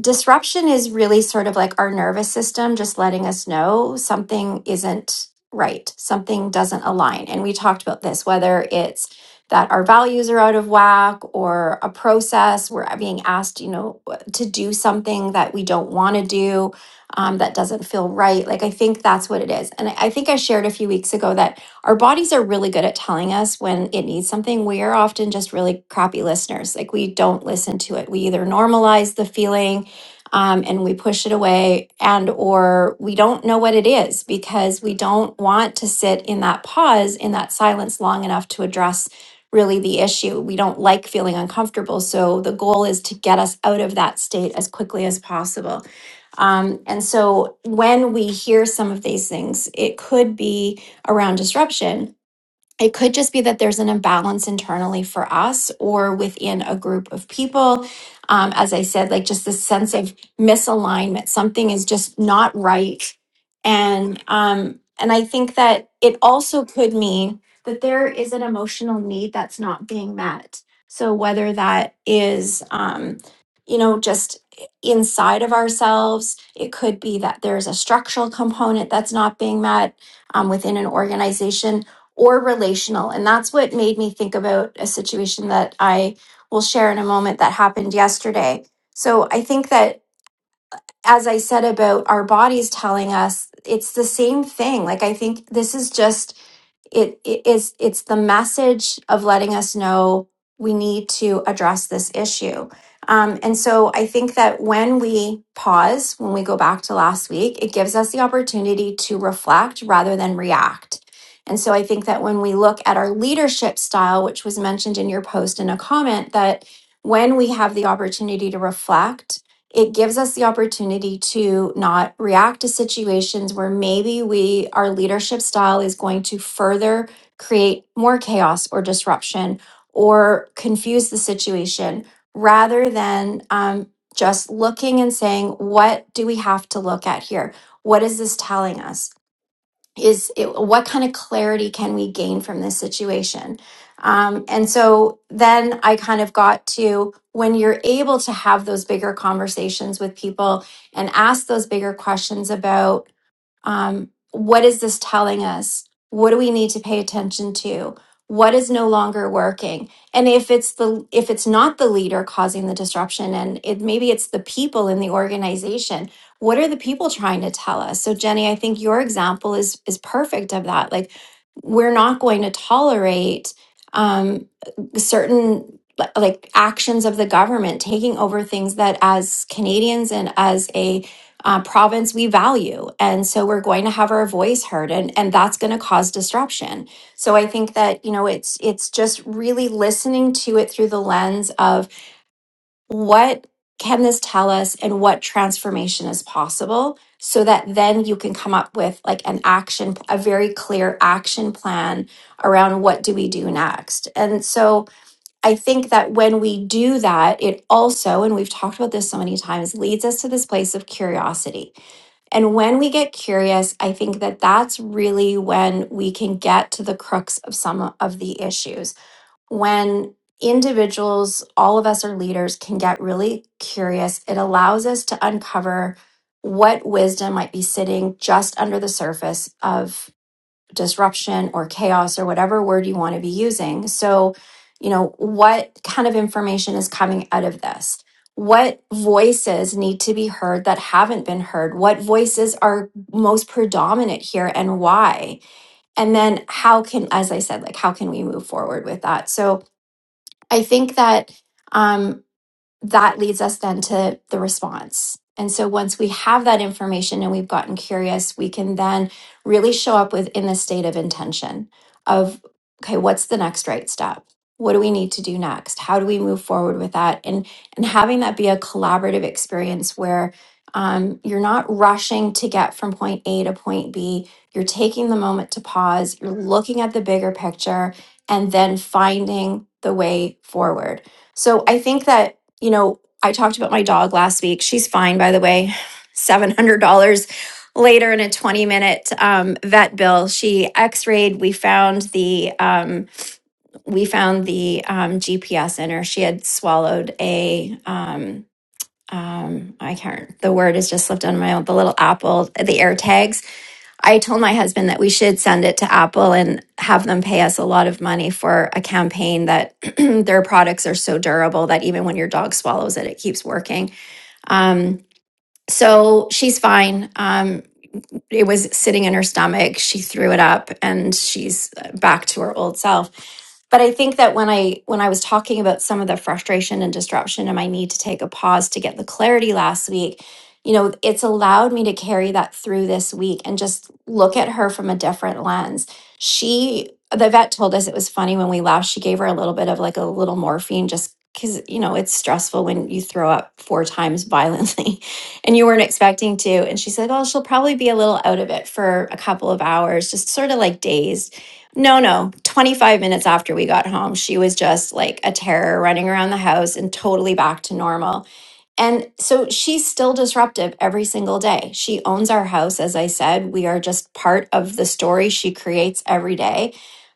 disruption is really sort of like our nervous system just letting us know something isn't right, something doesn't align. And we talked about this, whether it's that our values are out of whack or a process we're being asked, you know, to do something that we don't want to do, um, that doesn't feel right. Like, I think that's what it is. And I I think I shared a few weeks ago that our bodies are really good at telling us when it needs something. We are often just really crappy listeners. Like, we don't listen to it. We either normalize the feeling um, and we push it away and or we don't know what it is because we don't want to sit in that pause in that silence long enough to address really the issue we don't like feeling uncomfortable so the goal is to get us out of that state as quickly as possible um, and so when we hear some of these things it could be around disruption it could just be that there's an imbalance internally for us or within a group of people. Um, as I said, like just this sense of misalignment, something is just not right. And um, and I think that it also could mean that there is an emotional need that's not being met. So whether that is um, you know, just inside of ourselves, it could be that there's a structural component that's not being met um, within an organization or relational. And that's what made me think about a situation that I will share in a moment that happened yesterday. So I think that as I said about our bodies telling us, it's the same thing. Like I think this is just it it is it's the message of letting us know we need to address this issue. Um, and so I think that when we pause, when we go back to last week, it gives us the opportunity to reflect rather than react. And so I think that when we look at our leadership style, which was mentioned in your post in a comment, that when we have the opportunity to reflect it gives us the opportunity to not react to situations where maybe we, our leadership style is going to further create more chaos or disruption or confuse the situation rather than um, just looking and saying, what do we have to look at here? What is this telling us? is it, what kind of clarity can we gain from this situation? Um, and so then I kind of got to when you're able to have those bigger conversations with people and ask those bigger questions about um, what is this telling us? What do we need to pay attention to? What is no longer working? And if it's the if it's not the leader causing the disruption, and it maybe it's the people in the organization, what are the people trying to tell us? So Jenny, I think your example is is perfect of that. Like we're not going to tolerate um, certain li- like actions of the government taking over things that as Canadians and as a uh, province we value. And so we're going to have our voice heard and, and that's going to cause disruption. So I think that, you know, it's it's just really listening to it through the lens of what can this tell us and what transformation is possible so that then you can come up with like an action a very clear action plan around what do we do next and so i think that when we do that it also and we've talked about this so many times leads us to this place of curiosity and when we get curious, I think that that's really when we can get to the crux of some of the issues. When individuals, all of us are leaders, can get really curious, it allows us to uncover what wisdom might be sitting just under the surface of disruption or chaos or whatever word you want to be using. So, you know, what kind of information is coming out of this? What voices need to be heard that haven't been heard? What voices are most predominant here and why? And then how can, as I said, like how can we move forward with that? So I think that um, that leads us then to the response. And so once we have that information and we've gotten curious, we can then really show up with in the state of intention of okay, what's the next right step? What do we need to do next? How do we move forward with that? And and having that be a collaborative experience where um, you're not rushing to get from point A to point B. You're taking the moment to pause. You're looking at the bigger picture and then finding the way forward. So I think that you know, I talked about my dog last week. She's fine, by the way. $700 later in a 20 minute um, vet bill. She x-rayed. We found the, um, we found the um, GPS in her. She had swallowed a, um, um, I can't, the word has just slipped on my own, the little apple, the AirTags I told my husband that we should send it to Apple and have them pay us a lot of money for a campaign that their products are so durable that even when your dog swallows it, it keeps working. Um, so she's fine. Um, it was sitting in her stomach. She threw it up and she's back to her old self. But I think that when I when I was talking about some of the frustration and disruption and my need to take a pause to get the clarity last week, you know, it's allowed me to carry that through this week and just look at her from a different lens. She the vet told us it was funny when we left, she gave her a little bit of like a little morphine just cuz you know, it's stressful when you throw up four times violently and you weren't expecting to. And she's like, oh, she'll probably be a little out of it for a couple of hours, just sort of like dazed. No, no, 25 minutes after we got home, she was just like a terror running around the house and totally back to normal. And so she's still disruptive every single day. She owns our house. As I said, we are just part of the story she creates every day.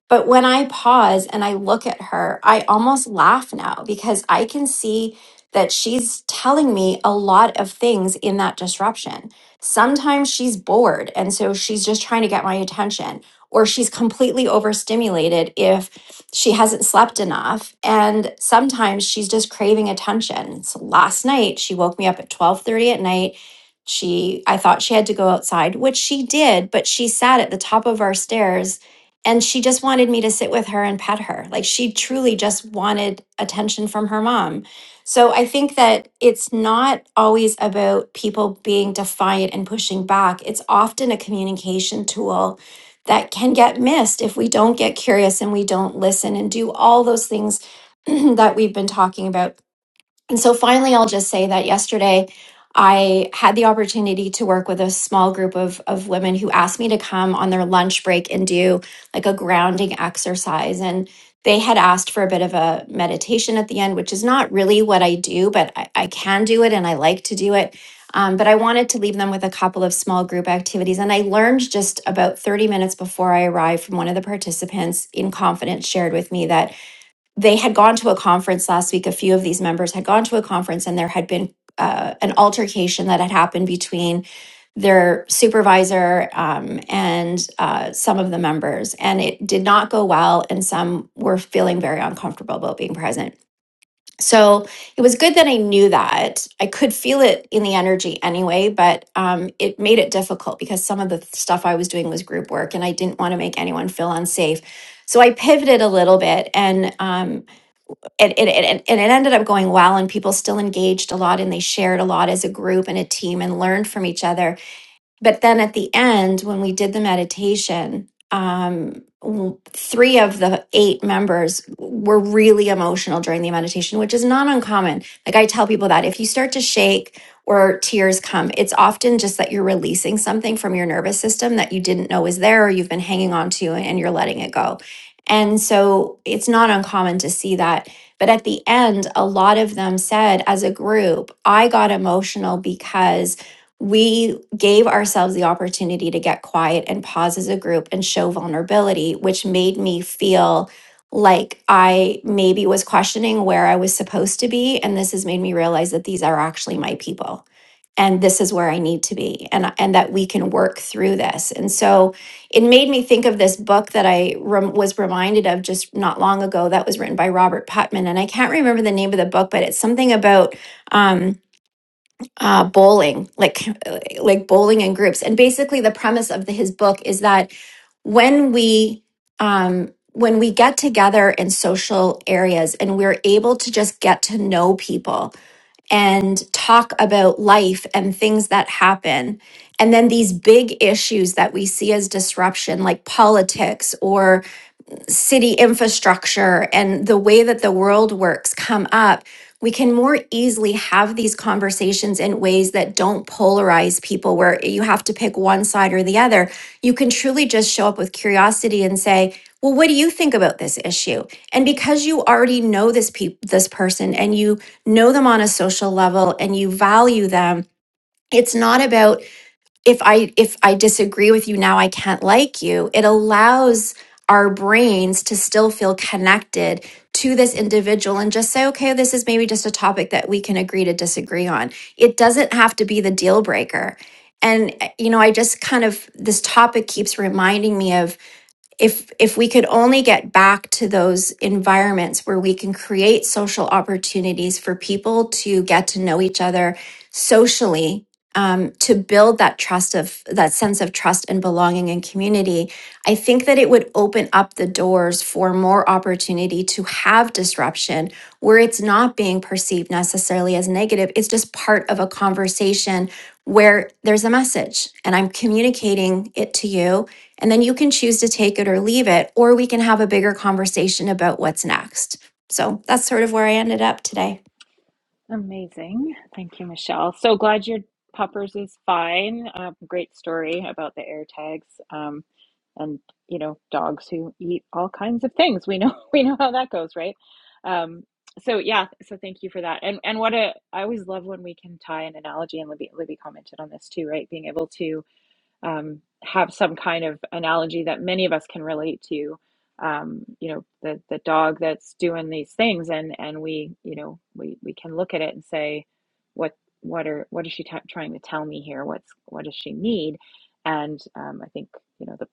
But when I pause and I look at her, I almost laugh now because I can see that she's telling me a lot of things in that disruption. Sometimes she's bored. And so she's just trying to get my attention, or she's completely overstimulated If she hasn't slept enough and sometimes she's just craving attention so last night she woke me up at 12:30 at night she, I thought she had to go outside, which she did, but she sat at the top of our stairs and she just wanted me to sit with her and pet her. Like she truly just wanted attention from her mom. So I think that it's not always about people being defiant and pushing back. It's often a communication tool that can get missed if we don't get curious and we don't listen and do all those things that we've been talking about and so finally, I'll just say that yesterday I had the opportunity to work with a small group of, of women who asked me to come on their lunch break and do like a grounding exercise. And they had asked for a bit of a meditation at the end, which is not really what I do, but I, I can do it and I like to do it. Um, but I wanted to leave them with a couple of small group activities. And I learned just about 30 minutes before I arrived from one of the participants in confidence shared with me that they had gone to a conference last week. A few of these members had gone to a conference, and there had been uh, an altercation that had happened between their supervisor um, and uh, some of the members, and it did not go well. And some were feeling very uncomfortable about being present. So it was good that I knew that. I could feel it in the energy anyway, but um, it made it difficult because some of the stuff I was doing was group work, and I didn't want to make anyone feel unsafe. So I pivoted a little bit, and um, and, and, and, and it ended up going well and people still engaged a lot and they shared a lot as a group and a team and learned from each other but then at the end when we did the meditation um w- three of the eight members were really emotional during the meditation which is not uncommon like i tell people that if you start to shake or tears come it's often just that you're releasing something from your nervous system that you didn't know was there or you've been hanging on to and you're letting it go and so it's not uncommon to see that but at the end a lot of them said as a group i got emotional because we gave ourselves the opportunity to get quiet and pause as a group and show vulnerability, which made me feel like I maybe was questioning where I was supposed to be. And this has made me realize that these are actually my people and this is where I need to be and, and that we can work through this. And so it made me think of this book that I rem- was reminded of just not long ago that was written by Robert Putnam, And I can't remember the name of the book, but it's something about. um, uh, bowling, like like bowling in groups. And basically, the premise of the, his book is that when we um, when we get together in social areas and we're able to just get to know people and talk about life and things that happen, and then these big issues that we see as disruption, like politics or city infrastructure and the way that the world works come up, we can more easily have these conversations in ways that don't polarize people where you have to pick one side or the other. You can truly just show up with curiosity and say, "Well, what do you think about this issue?" And because you already know this peop this person and you know them on a social level and you value them, it's not about if i if i disagree with you now i can't like you it allows our brains to still feel connected to this individual and just say okay this is maybe just a topic that we can agree to disagree on it doesn't have to be the deal breaker and eh, you know i just kind of this topic keeps reminding me of if if we could only get back to those environments where we can create social opportunities for people to get to know each other socially um, to build that trust of that sense of trust and belonging and community i think that it would open up the doors for more opportunity to have disruption where it's not being perceived necessarily as negative it's just part of a conversation where there's a message and i'm communicating it to you and then you can choose to take it or leave it, or we can have a bigger conversation about what's next. So that's sort of where I ended up today. Amazing. Thank you, Michelle. So glad your puppers is fine. Um, great story about the air tags. Um, and you know, dogs who eat all kinds of things. We know we know how that goes, right? Um, so yeah, so thank you for that. And and what a I always love when we can tie an analogy and Libby Libby commented on this too, right? Being able to um, have some kind of analogy that many of us can relate to. Um, you know, the the dog that's doing these things, and and we, you know, we we can look at it and say, what what are what is she t- trying to tell me here? What's what does she need? And um, I think you know the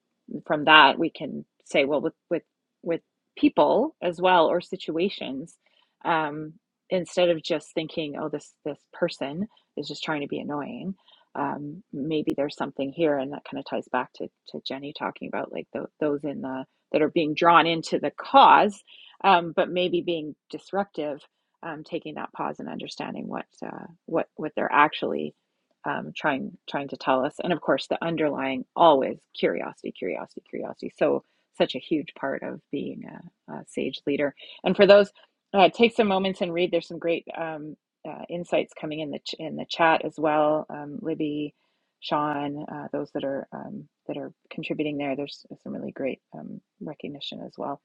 from that we can say, well, with with with people as well or situations, um, instead of just thinking, oh, this this person is just trying to be annoying um, maybe there's something here, and that kind of ties back to, to Jenny talking about like tho- those in the that are being drawn into the cause, um, but maybe being disruptive, um, taking that pause and understanding what uh, what what they're actually um, trying trying to tell us, and of course the underlying always curiosity, curiosity, curiosity. So such a huge part of being a, a sage leader, and for those. Uh, take some moments and read. There's some great um, uh, insights coming in the ch- in the chat as well. Um, Libby, Sean, uh, those that are um, that are contributing there. There's some really great um, recognition as well.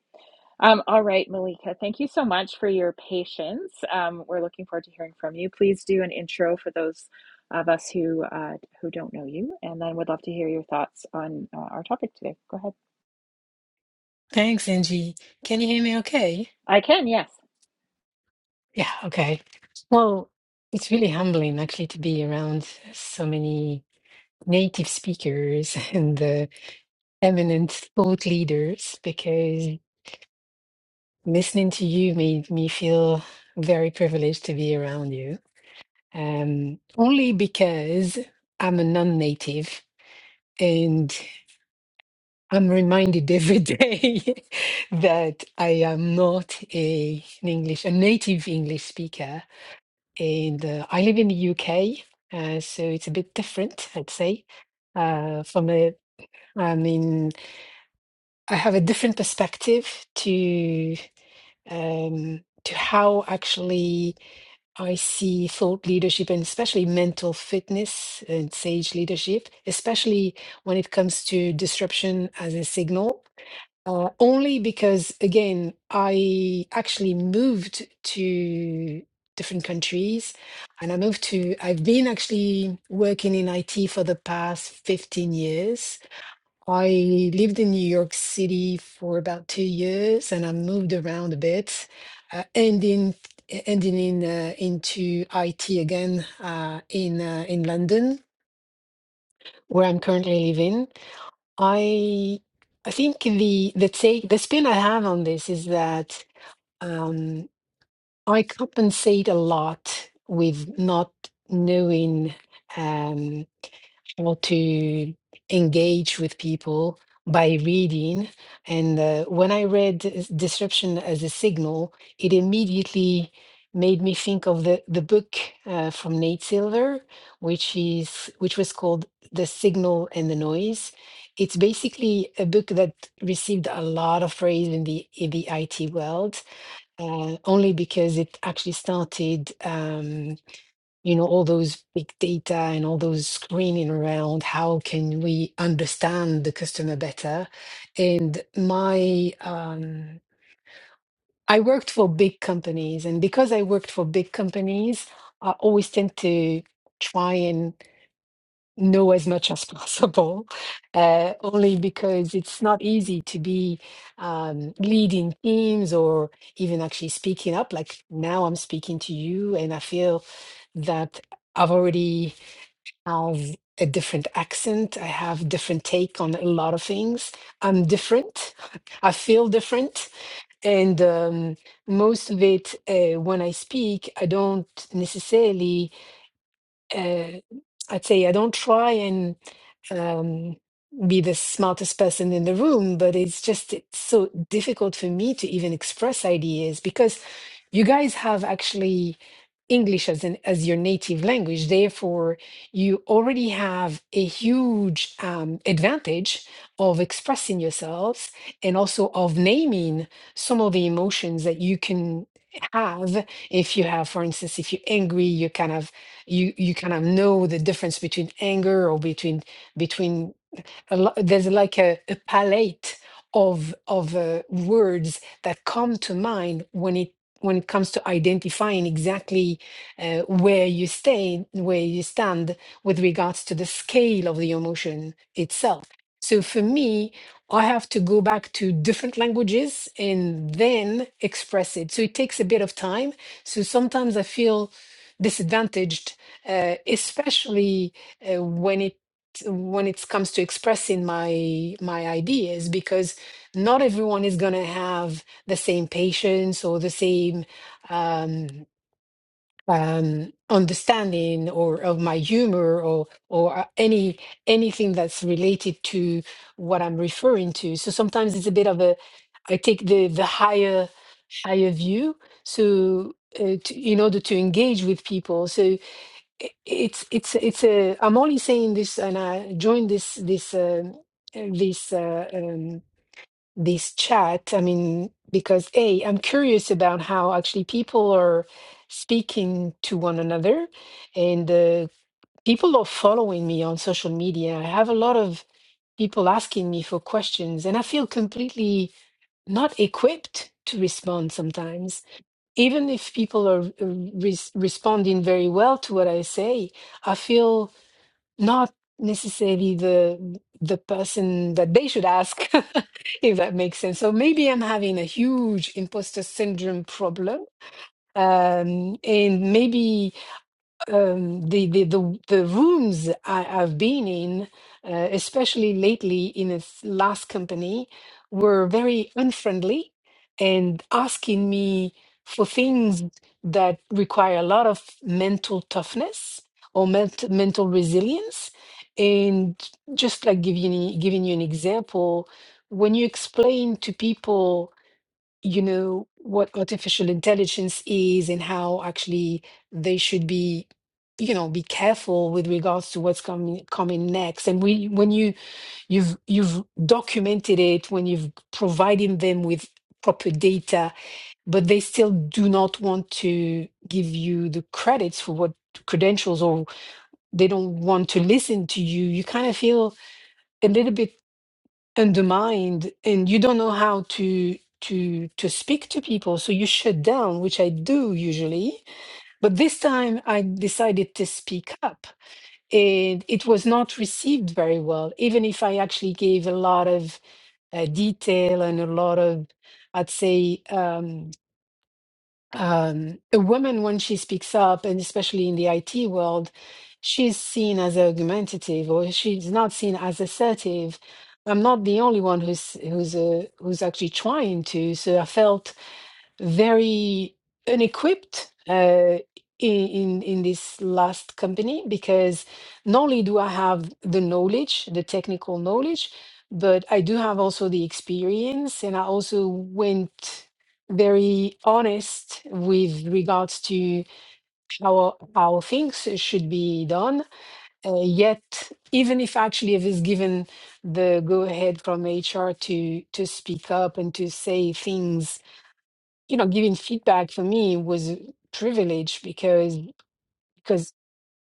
Um, all right, Malika, thank you so much for your patience. Um, we're looking forward to hearing from you. Please do an intro for those of us who uh, who don't know you, and then would love to hear your thoughts on uh, our topic today. Go ahead. Thanks, Angie. Can you hear me okay? I can, yes. Yeah, okay. Well, it's really humbling actually to be around so many native speakers and uh, eminent thought leaders because listening to you made me feel very privileged to be around you. Um, only because I'm a non-native and I'm reminded every day that I am not a, an English, a native English speaker and uh, I live in the UK, uh, so it's a bit different, I'd say. Uh, from a, I mean, I have a different perspective to um, to how actually I see thought leadership and especially mental fitness and sage leadership, especially when it comes to disruption as a signal. Uh, only because, again, I actually moved to different countries and I moved to, I've been actually working in IT for the past 15 years. I lived in New York City for about two years and I moved around a bit, uh, ending ending in uh, into IT again uh, in uh, in London, where I'm currently living. I I think the the take the spin I have on this is that um, I compensate a lot with not knowing. Um, able to engage with people by reading. And uh, when I read s- Disruption as a Signal, it immediately made me think of the, the book uh, from Nate Silver, which is which was called The Signal and the Noise. It's basically a book that received a lot of praise in the in the IT world, uh, only because it actually started. um, you know all those big data and all those screening around how can we understand the customer better and my um i worked for big companies and because i worked for big companies i always tend to try and know as much as possible uh, only because it's not easy to be um, leading teams or even actually speaking up like now i'm speaking to you and i feel that i've already have a different accent. I have different take on a lot of things. I'm different. I feel different, and um, most of it uh, when I speak, I don't necessarily. Uh, I'd say I don't try and um, be the smartest person in the room, but it's just it's so difficult for me to even express ideas because you guys have actually English as an as your native language. Therefore, you already have a huge um, advantage of expressing yourselves and also of naming some of the emotions that you can have if you have for instance if you're angry you kind of you you kind of know the difference between anger or between between a lo- there's like a, a palette of of uh, words that come to mind when it when it comes to identifying exactly uh, where you stay where you stand with regards to the scale of the emotion itself so for me i have to go back to different languages and then express it so it takes a bit of time so sometimes i feel disadvantaged uh, especially uh, when it when it comes to expressing my my ideas because not everyone is going to have the same patience or the same um, um, understanding or of my humor or or uh, any anything that's related to what I'm referring to. So sometimes it's a bit of a I take the the higher higher view so uh, to, in order to engage with people. So i- it's it's it's a i'm only saying this and i joined this this uh, uh, this uh, um, this chat i mean because a i'm curious about how actually people are speaking to one another and uh, people are following me on social media i have a lot of people asking me for questions and i feel completely not equipped to respond sometimes even if people are uh, res- responding very well to what i say i feel not necessarily the the person that they should ask if that makes sense so maybe i'm having a huge imposter syndrome problem um and maybe um, the, the the the rooms I, I've been in, uh, especially lately in its last company, were very unfriendly and asking me for things that require a lot of mental toughness or ment- mental resilience. And just like giving you- giving you an example, when you explain to people you know, what artificial intelligence is and how actually they should be, you know, be careful with regards to what's coming coming next. And we, when you you've you've documented it, when you've provided them with proper data, but they still do not want to give you the credits for what credentials or they don't want to listen to you, you kind of feel a little bit undermined and you don't know how to to to speak to people so you shut down which i do usually but this time i decided to speak up and it was not received very well even if i actually gave a lot of uh, detail and a lot of i'd say um, um, a woman when she speaks up, and especially in the IT world, she's seen as argumentative or she's not seen as assertive. I'm not the only one who's who's uh, who's actually trying to. So I felt very unequipped uh, in, in in this last company because not only do I have the knowledge, the technical knowledge, but I do have also the experience, and I also went very honest with regards to how how things should be done. Uh, yet, even if actually I was given the go ahead from HR to to speak up and to say things you know, giving feedback for me was a privilege because because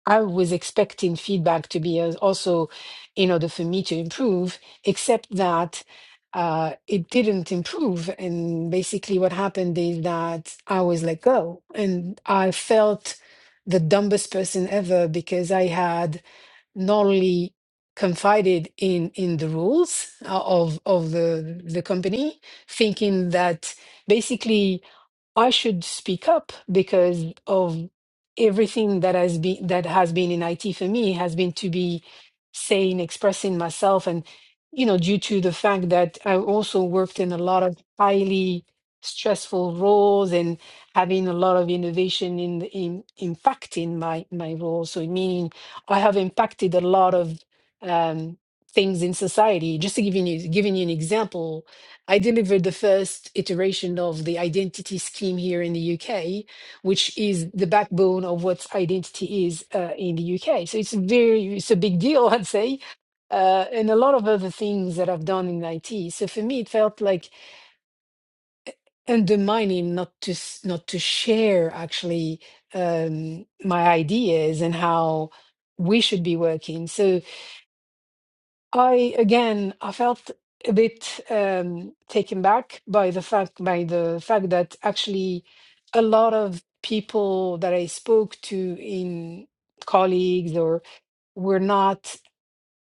I was expecting feedback to be as- also in order for me to improve, except that uh, it didn't improve. And basically, what happened is that I was let go, and I felt the dumbest person ever because I had not only confided in in the rules uh, of of the the company, thinking that basically I should speak up because of everything that has been that has been in IT for me has been to be saying, expressing myself, and you know, due to the fact that I also worked in a lot of highly stressful roles and having a lot of innovation in in impacting my my role. So meaning I have impacted a lot of um, things in society. Just to give you giving you an example, I delivered the first iteration of the identity scheme here in the UK, which is the backbone of what identity is uh, in the UK. So it's very it's a big deal, I'd say. Uh, and a lot of other things that I've done in IT. So for me, it felt like undermining not to s- not to share actually um, my ideas and how we should be working. So I again, I felt a bit um, taken back by the fact by the fact that actually a lot of people that I spoke to in colleagues or were not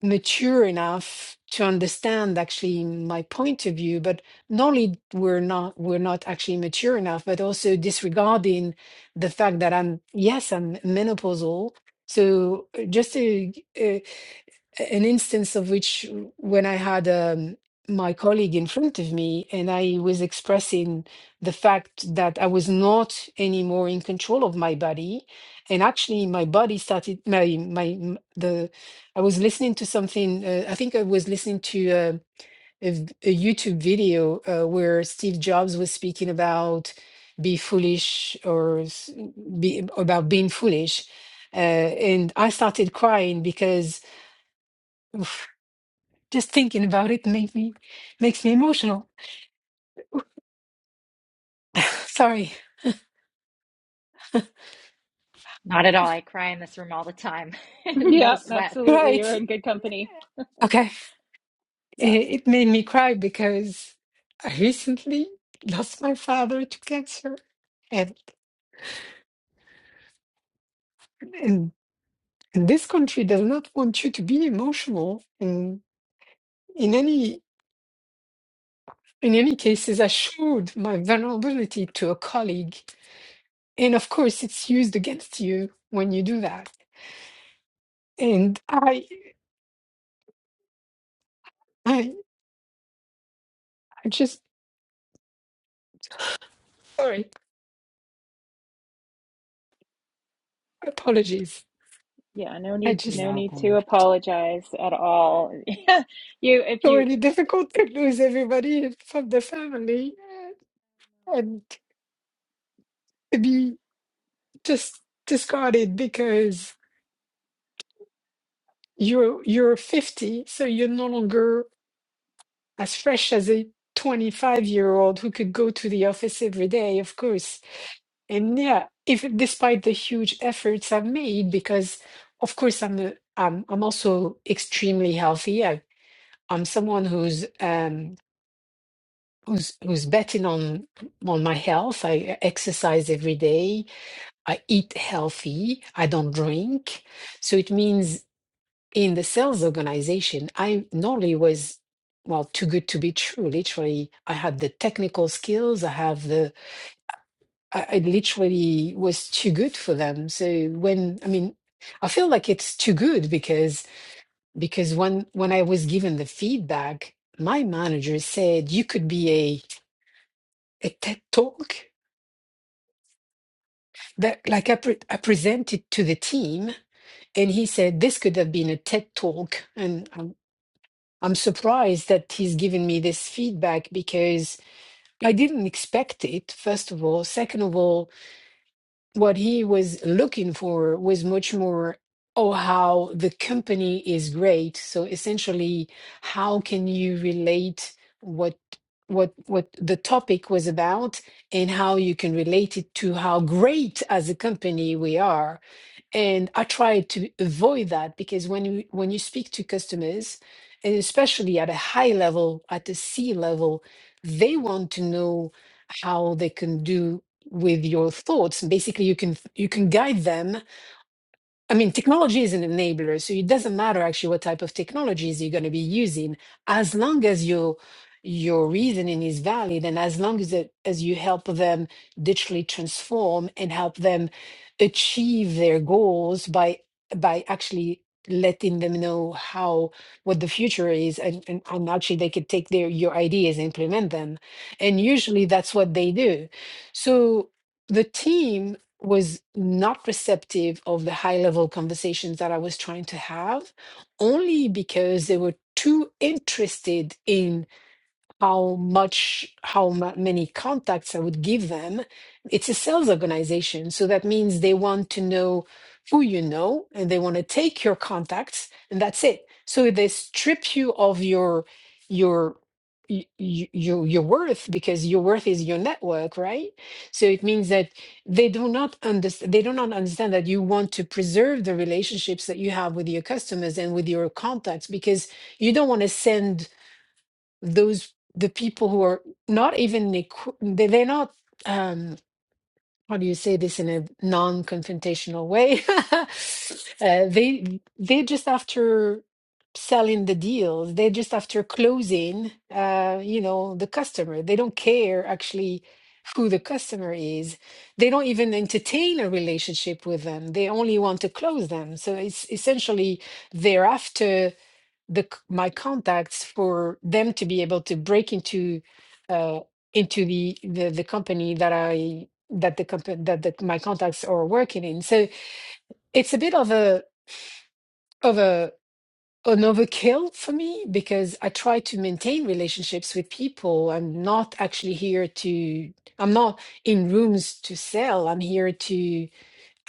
mature enough to understand actually my point of view, but not only were not were not actually mature enough, but also disregarding the fact that I'm yes, I'm menopausal. So uh, just to uh, an instance of which when I had um, my colleague in front of me and I was expressing the fact that I was not anymore in control of my body. And actually, my body started, my, my, m- the, I was listening to something, uh, I think I was listening to uh, a, v- a YouTube video uh, where Steve Jobs was speaking about be foolish or s- be about being foolish. Uh, and I started crying because Just thinking about it made me makes me emotional. Sorry. Not at all. I cry in this room all the time. no Yep. sweat. absolutely. You're Right. in good company. Okay. It, Yeah. it made me cry because I recently lost my father to cancer, and and, and this country does not want you to be emotional. In in any in any cases, I showed my vulnerability to a colleague, and of course, it's used against you when you do that. And I I, I just sorry. Apologies. Yeah, no I need, just no need Nothing. to apologize at all. You, if you, already difficult to lose everybody from the family and to be just discarded because you're you're 50 so you're no longer as fresh as a 25 year old who could go to the office every day of course and yeah if despite the huge efforts i've made because of course i'm a, I'm, I'm also extremely healthy I, i'm someone who's um who's who's betting on on my health. I exercise every day. I eat healthy. I don't drink. So it means in the sales organization, I normally was well too good to be true. Literally, I had the technical skills. I have the. I, I literally was too good for them. So when I mean. I feel like it's too good because because when when I was given the feedback, my manager said you could be a a TED talk that like I, pre- I presented to the team and he said this could have been a ted talk and I'm, I'm surprised that he's given me this feedback because i didn't expect it first of all second of all what he was looking for was much more oh how the company is great so essentially how can you relate what what what the topic was about and how you can relate it to how great as a company we are and I try to avoid that because when you when you speak to customers, and especially at a high level, at the C level, they want to know how they can do with your thoughts. Basically, you can you can guide them I mean, technology is an enabler, so it doesn't matter actually what type of technologies you're going to be using, as long as your your reasoning is valid, and as long as it, as you help them digitally transform and help them achieve their goals by by actually letting them know how what the future is, and and, and actually they could take their your ideas and implement them, and usually that's what they do. So the team was not receptive of the high level conversations that I was trying to have only because they were too interested in how much how ma- many contacts i would give them it's a sales organization so that means they want to know who you know and they want to take your contacts and that's it so they strip you of your your y- y- your your worth because your worth is your network right so it means that they do not understand they do not understand that you want to preserve the relationships that you have with your customers and with your contacts because you don't want to send those the people who are not even equi- they- they're not um how do you say this in a non-confrontational way uh, they they're just after selling the deals they're just after closing uh you know the customer they don't care actually who the customer is they don't even entertain a relationship with them they only want to close them so it's essentially thereafter the c- my contacts for them to be able to break into uh, into the, the the company that I that the company that the, my contacts are working in. So it's a bit of a of a an overkill for me because I try to maintain relationships with people. I'm not actually here to. I'm not in rooms to sell. I'm here to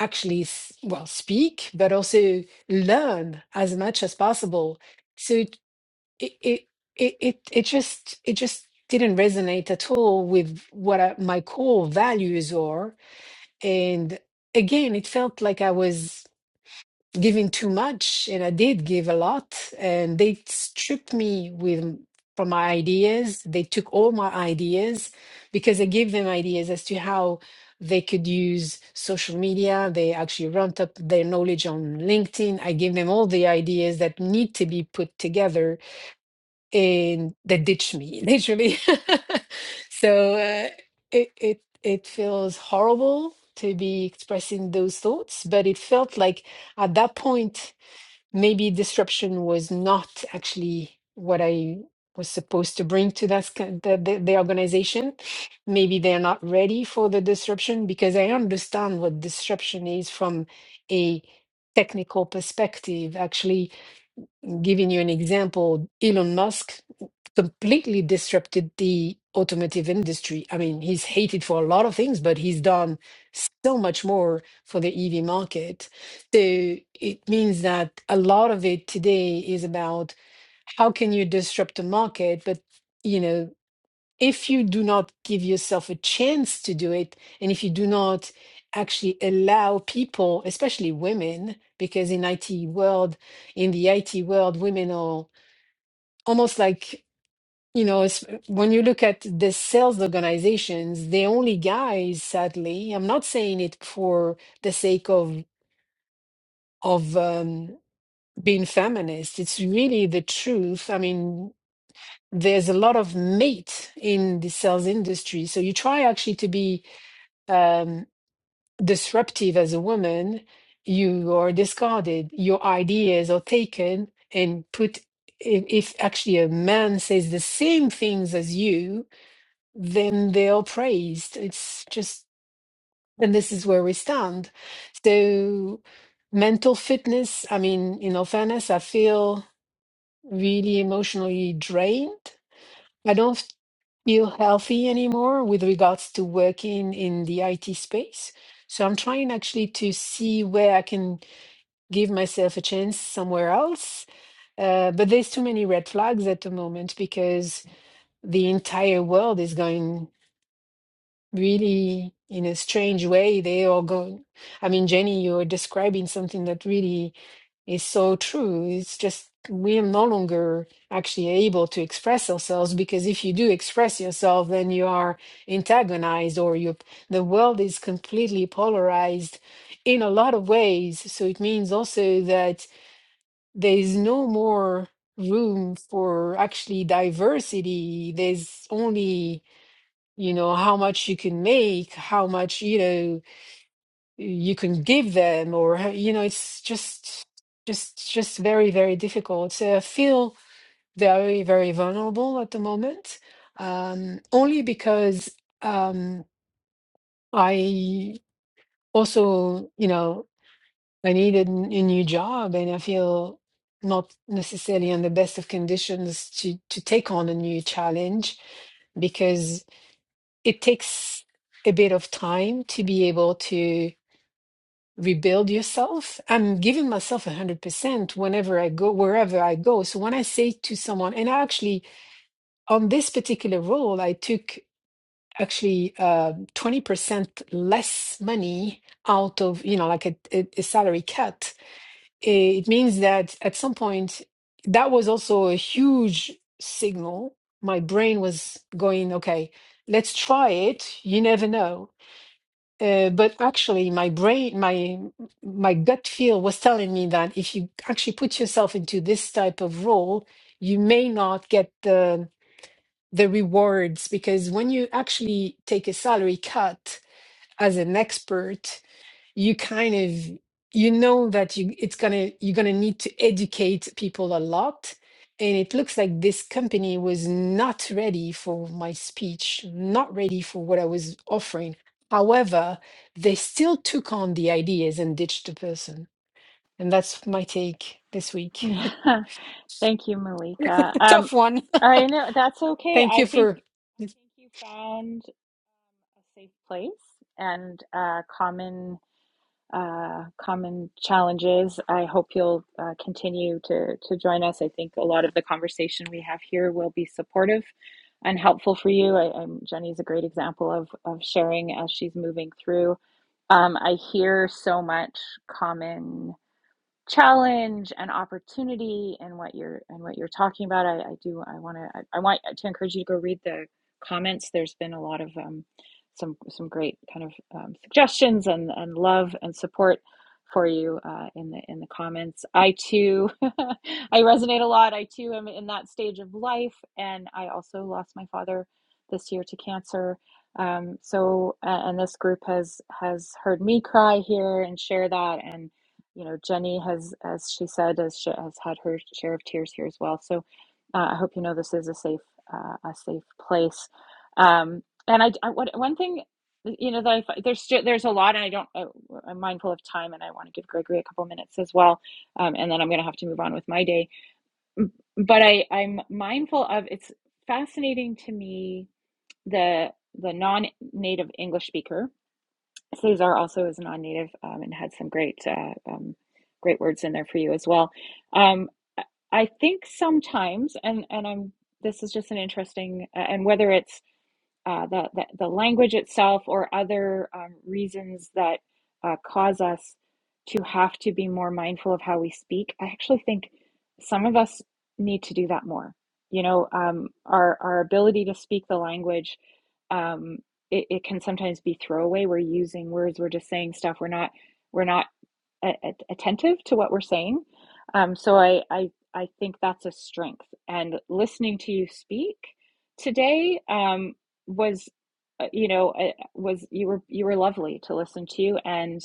actually s- well speak, but also learn as much as possible So it it it it it just it just didn't resonate at all with what I, my core values are and again it felt like i was giving too much and i did give a lot and they stripped me with from my ideas they took all my ideas because i gave them ideas as to how they could use social media they actually ramped up their knowledge on linkedin i gave them all the ideas that need to be put together and they ditch me literally. so uh, it it it feels horrible to be expressing those thoughts, but it felt like at that point maybe disruption was not actually what I was supposed to bring to that sc- the, the, the organization. Maybe they're not ready for the disruption because I understand what disruption is from a technical perspective. Actually, Giving you an example, Elon Musk completely disrupted the automotive industry. I mean, he's hated for a lot of things, but he's done so much more for the EV market. So it means that a lot of it today is about how can you disrupt the market, but you know if you do not give yourself a chance to do it, and if you do not actually allow people, especially women, because in IT world, in the IT world, women are almost like, you know, it's, when you look at the sales organizations, the only guys, sadly, I'm not saying it for the sake of of um, being feminist. It's really the truth. I mean, there's a lot of mate in the sales industry, so you try actually to be um, disruptive as a woman, you are discarded. Your ideas are taken and put. If, if actually a man says the same things as you, then they are praised. It's just, and this is where we stand. So, mental fitness, I mean, in all fairness, I feel really emotionally drained I don't feel healthy anymore with regards to working in the IT space. So I'm trying actually to see where I can give myself a chance somewhere else. Uh, but there's too many red flags at the moment because the entire world is going really in a strange way. They are going, I mean, Jenny, you're describing something that really is so true. It's just we are no longer actually able to express ourselves because if you do express yourself, then you are antagonized or you the world is completely polarized in a lot of ways. So it means also that there is no more room for actually diversity. There's only, you know, how much you can make, how much, you know you can give them or you know it's just just just very very difficult so i feel very very vulnerable at the moment um only because um i also you know i needed n- a new job and i feel not necessarily in the best of conditions to to take on a new challenge because it takes a bit of time to be able to rebuild yourself. I'm giving myself 100% whenever I go, wherever I go. So when I say to someone, and I actually, on this particular role, I took actually uh, 20% less money out of, you know, like a, a, a salary cut. It means that at some point, that was also a huge signal. My brain was going, okay, let's try it. You never know uh, but actually, my brain, my my gut feel was telling me that if you actually put yourself into this type of role, you may not get the the rewards because when you actually take a salary cut as an expert, you kind of you know that you it's gonna you're gonna need to educate people a lot and it looks like this company was not ready for my speech not ready for what i was offering however they still took on the ideas and ditched the person and that's my take this week yeah. thank you, Malika. Um, tough one I know that's okay. thank you I think, for I think you found um, a safe place and a common uh, common challenges. I hope you'll uh, continue to, to join us. I think a lot of the conversation we have here will be supportive and helpful for you. I, I'm, Jenny's a great example of, of sharing as she's moving through. Um, I hear so much common challenge and opportunity and what you're and what you're talking about. I, I do I want to I, I want to encourage you to go read the comments. There's been a lot of um, some some great kind of um, suggestions and and love and support for you uh, in the in the comments. I too I resonate a lot. I too am in that stage of life, and I also lost my father this year to cancer. Um, so uh, and this group has has heard me cry here and share that and you know, Jenny has, as she said, as she has had her share of tears here as well. So uh, I hope you know this is a safe, uh, a safe place. Um, and I, I one thing, you know, that I, there's there's a lot, and I don't, I, I'm mindful of time, and I want to give Gregory a couple minutes as well, um, and then I'm going to have to move on with my day. But I, I'm mindful of it's fascinating to me the the non-native English speaker Cesar also is non-native um, and had some great uh, um, great words in there for you as well. Um, I think sometimes, and and I'm this is just an interesting, uh, and whether it's uh, the, the, the language itself or other um, reasons that uh, cause us to have to be more mindful of how we speak, I actually think some of us need to do that more. You know, um, our, our ability to speak the language, um, it, it can sometimes be throwaway. We're using words, we're just saying stuff. We're not, we're not attentive to what we're saying. Um, so I, I I think that's a strength. And listening to you speak today um, was, uh, you know, uh, was you were you were lovely to listen to and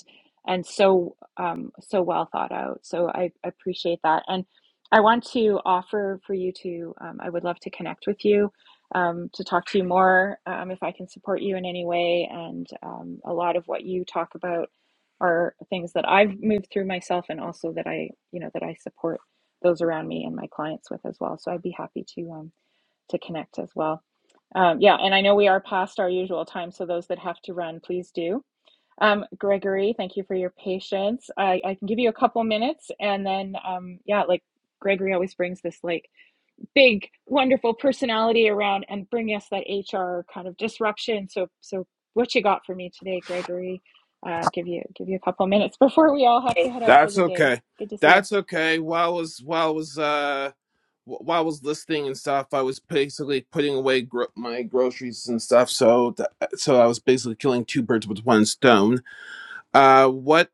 and so um, so well thought out. So I appreciate that. And I want to offer for you to. Um, I would love to connect with you. Um, to talk to you more um, if I can support you in any way. And um, a lot of what you talk about are things that I've moved through myself and also that I, you know, that I support those around me and my clients with as well. So I'd be happy to um to connect as well. Um, yeah, and I know we are past our usual time, so those that have to run, please do. Um, Gregory, thank you for your patience. I, I can give you a couple minutes and then um yeah, like Gregory always brings this like big wonderful personality around and bring us that hr kind of disruption so so what you got for me today gregory uh, give you give you a couple minutes before we all have to head out for That's the day okay. good to see you That's okay. While I was while I was uh wh- while I was listening and stuff, I was basically putting away gro- my groceries and stuff. So th- so I was basically killing two birds with one stone. Uh, what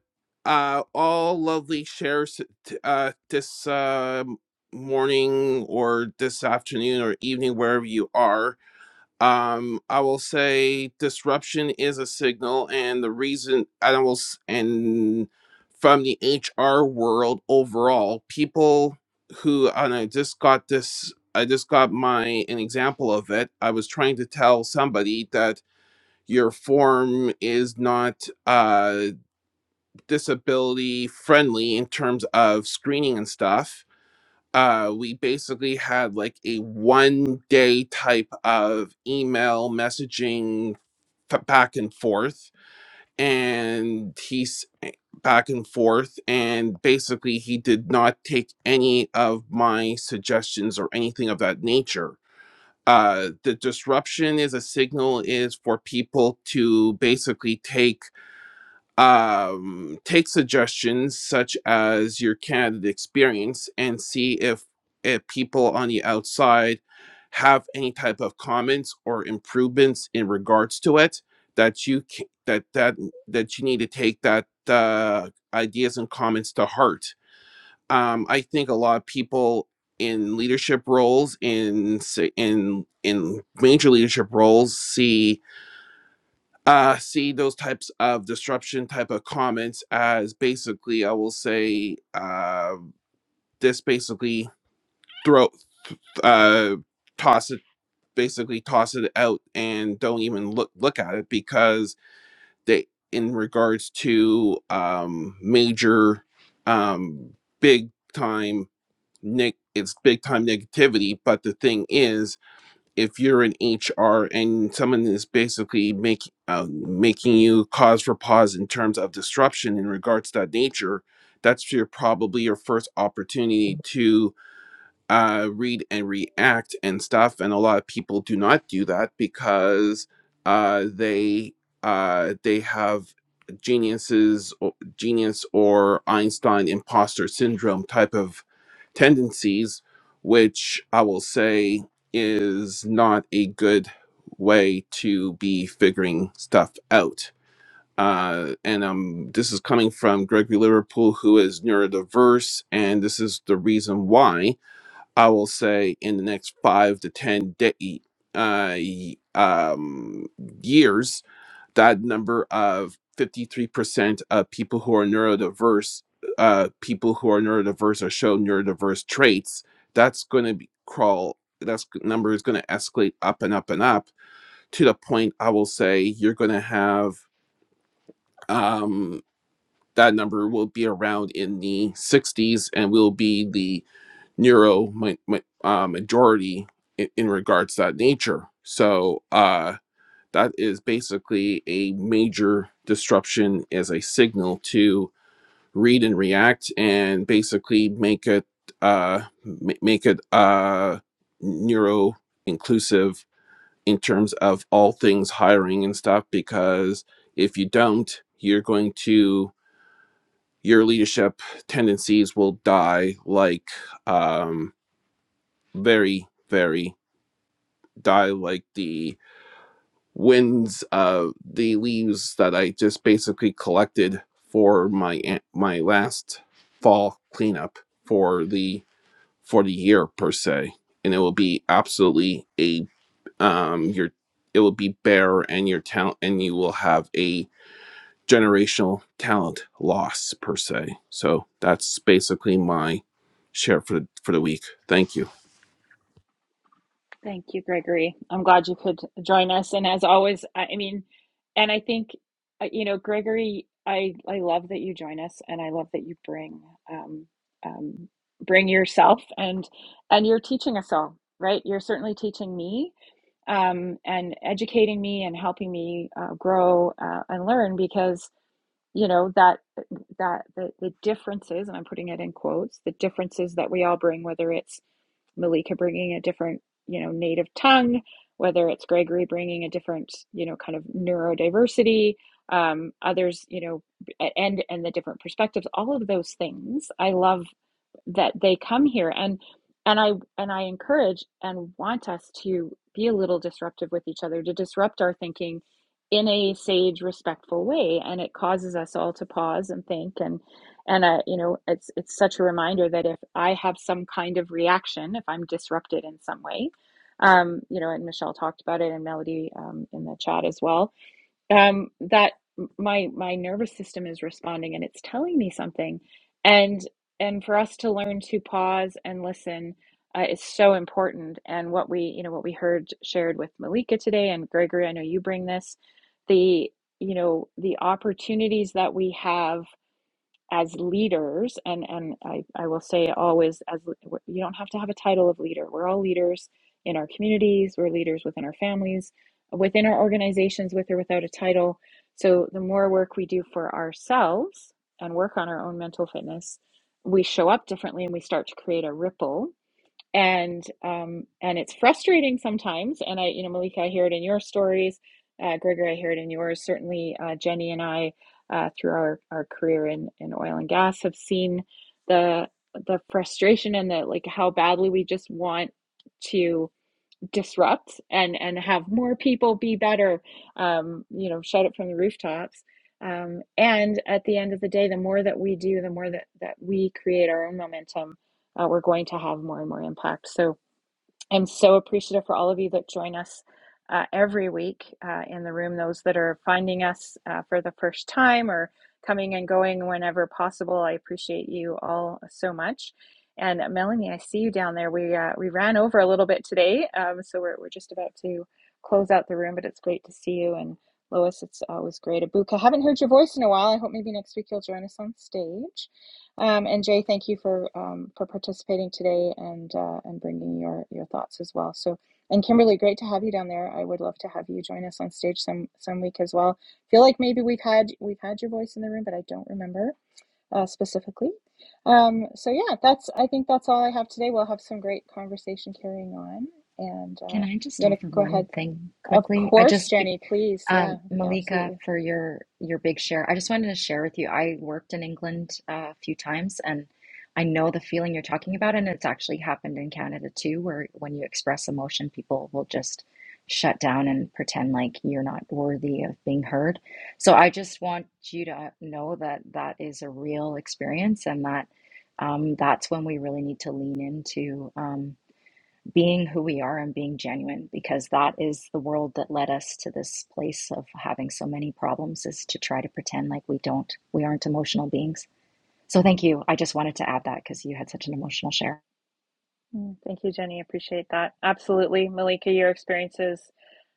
uh all lovely shares t- uh this uh morning or this afternoon or evening wherever you are um i will say disruption is a signal and the reason i will s- and from the hr world overall people who and i just got this i just got my an example of it i was trying to tell somebody that your form is not uh disability friendly in terms of screening and stuff uh, we basically had like a one day type of email messaging f- back and forth and he's back and forth and basically he did not take any of my suggestions or anything of that nature uh, the disruption is a signal is for people to basically take um, take suggestions such as your candidate experience and see if, if people on the outside have any type of comments or improvements in regards to it that you c- that that that you need to take that uh, ideas and comments to heart. Um, I think a lot of people in leadership roles in s- in in major leadership roles see uh, see those types of disruption type of comments as basically, I will say, uh, this basically throw, uh, toss it, basically toss it out and don't even look look at it because they, in regards to um, major, um, big time, Nick, it's big time negativity. But the thing is, if you're in HR and someone is basically making um, making you cause for pause in terms of disruption in regards to that nature, that's your probably your first opportunity to uh, read and react and stuff. And a lot of people do not do that because uh, they uh, they have geniuses, or, genius or Einstein imposter syndrome type of tendencies, which I will say is not a good way to be figuring stuff out. Uh, and um, this is coming from Gregory Liverpool, who is neurodiverse, and this is the reason why. I will say in the next five to ten de- uh, y- um, years, that number of 53% of people who are neurodiverse, uh, people who are neurodiverse or show neurodiverse traits, that's going to be crawl. That number is going to escalate up and up and up to the point I will say you're going to have um, that number will be around in the 60s and will be the neuro mi- mi- uh, majority in, in regards to that nature. So uh, that is basically a major disruption as a signal to read and react, and basically make it uh, ma- make it uh, neuro inclusive in terms of all things hiring and stuff. Because if you don't, you're going to your leadership tendencies will die like um, very, very die like the winds, uh, the leaves that I just basically collected for my my last fall cleanup for the for the year per se, and it will be absolutely a um your it will be bare and your talent and you will have a generational talent loss per se. So that's basically my share for the, for the week. Thank you. thank you gregory i'm glad you could join us and as always i, mean and i think uh, you know gregory i i love that you join us and i love that you bring um, um, bring yourself and and you're teaching us all right you're certainly teaching me um, and educating me and helping me uh, grow uh, and learn because you know that that the, the differences and i'm putting it in quotes the differences that we all bring whether it's malika bringing a different you know native tongue whether it's gregory bringing a different you know kind of neurodiversity um, others you know and and the different perspectives all of those things i love that they come here and and I and I encourage and want us to be a little disruptive with each other to disrupt our thinking in a sage respectful way and it causes us all to pause and think and and uh, you know it's it's such a reminder that if I have some kind of reaction if I'm disrupted in some way um, you know and Michelle talked about it and Melody um, in the chat as well um, that my my nervous system is responding and it's telling me something and and for us to learn to pause and listen uh, is so important and what we you know what we heard shared with malika today and gregory i know you bring this the you know the opportunities that we have as leaders, and, and I, I will say always, as you don't have to have a title of leader. We're all leaders in our communities, we're leaders within our families, within our organizations, with or without a title. So the more work we do for ourselves and work on our own mental fitness, we show up differently and we start to create a ripple and um, and it's frustrating sometimes. And I, you know, Malika, I hear it in your stories. Uh, Gregory, I hear it in yours. Certainly, uh, Jenny and I, uh, through our, our career in, in oil and gas, have seen the the frustration and the like how badly we just want to disrupt and and have more people be better um, you know shout it from the rooftops um, and at the end of the day the more that we do the more that that we create our own momentum uh, we're going to have more and more impact so I'm so appreciative for all of you that join us uh, every week uh, in the room, those that are finding us uh, for the first time or coming and going whenever possible. I appreciate you all so much. And uh, Melanie, I see you down there. We uh, we ran over a little bit today, um, so we're we're just about to close out the room, but it's great to see you. And Lois, it's always great. Abuka, haven't heard your voice in a while. I hope maybe next week you'll join us on stage. Um, and Jay, thank you for um, for participating today and uh, and bringing your your thoughts as well. So, and Kimberly, great to have you down there. I would love to have you join us on stage some some week as well. Feel like maybe we've had we've had your voice in the room, but I don't remember uh, specifically. Um, so yeah, that's I think that's all I have today. We'll have some great conversation carrying on, and uh, Can I'm I just gonna offer go one ahead. thing Of quickly? I course, just, Jenny, please. Yeah, um, yeah, Malika, absolutely. for your your big share, I just wanted to share with you. I worked in England uh, a few times, and I know the feeling you're talking about, and it's actually happened in Canada too, where when you express emotion, people will just shut down and pretend like you're not worthy of being heard. So I just want you to know that that is a real experience, and that um, that's when we really need to lean into. Um, being who we are and being genuine because that is the world that led us to this place of having so many problems is to try to pretend like we don't we aren't emotional beings so thank you i just wanted to add that because you had such an emotional share Mm, Thank you, Jenny. Appreciate that. Absolutely. Malika, your experiences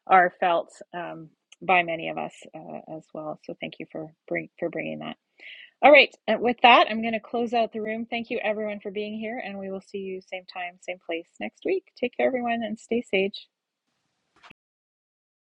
are felt um, by many of us uh, as well. So thank you for bring, for bringing that. All right. uh, With that, I'm going to close out the room. Thank you, everyone, for being here. And we will see you same time, same place next week. Take care, everyone, and stay sage.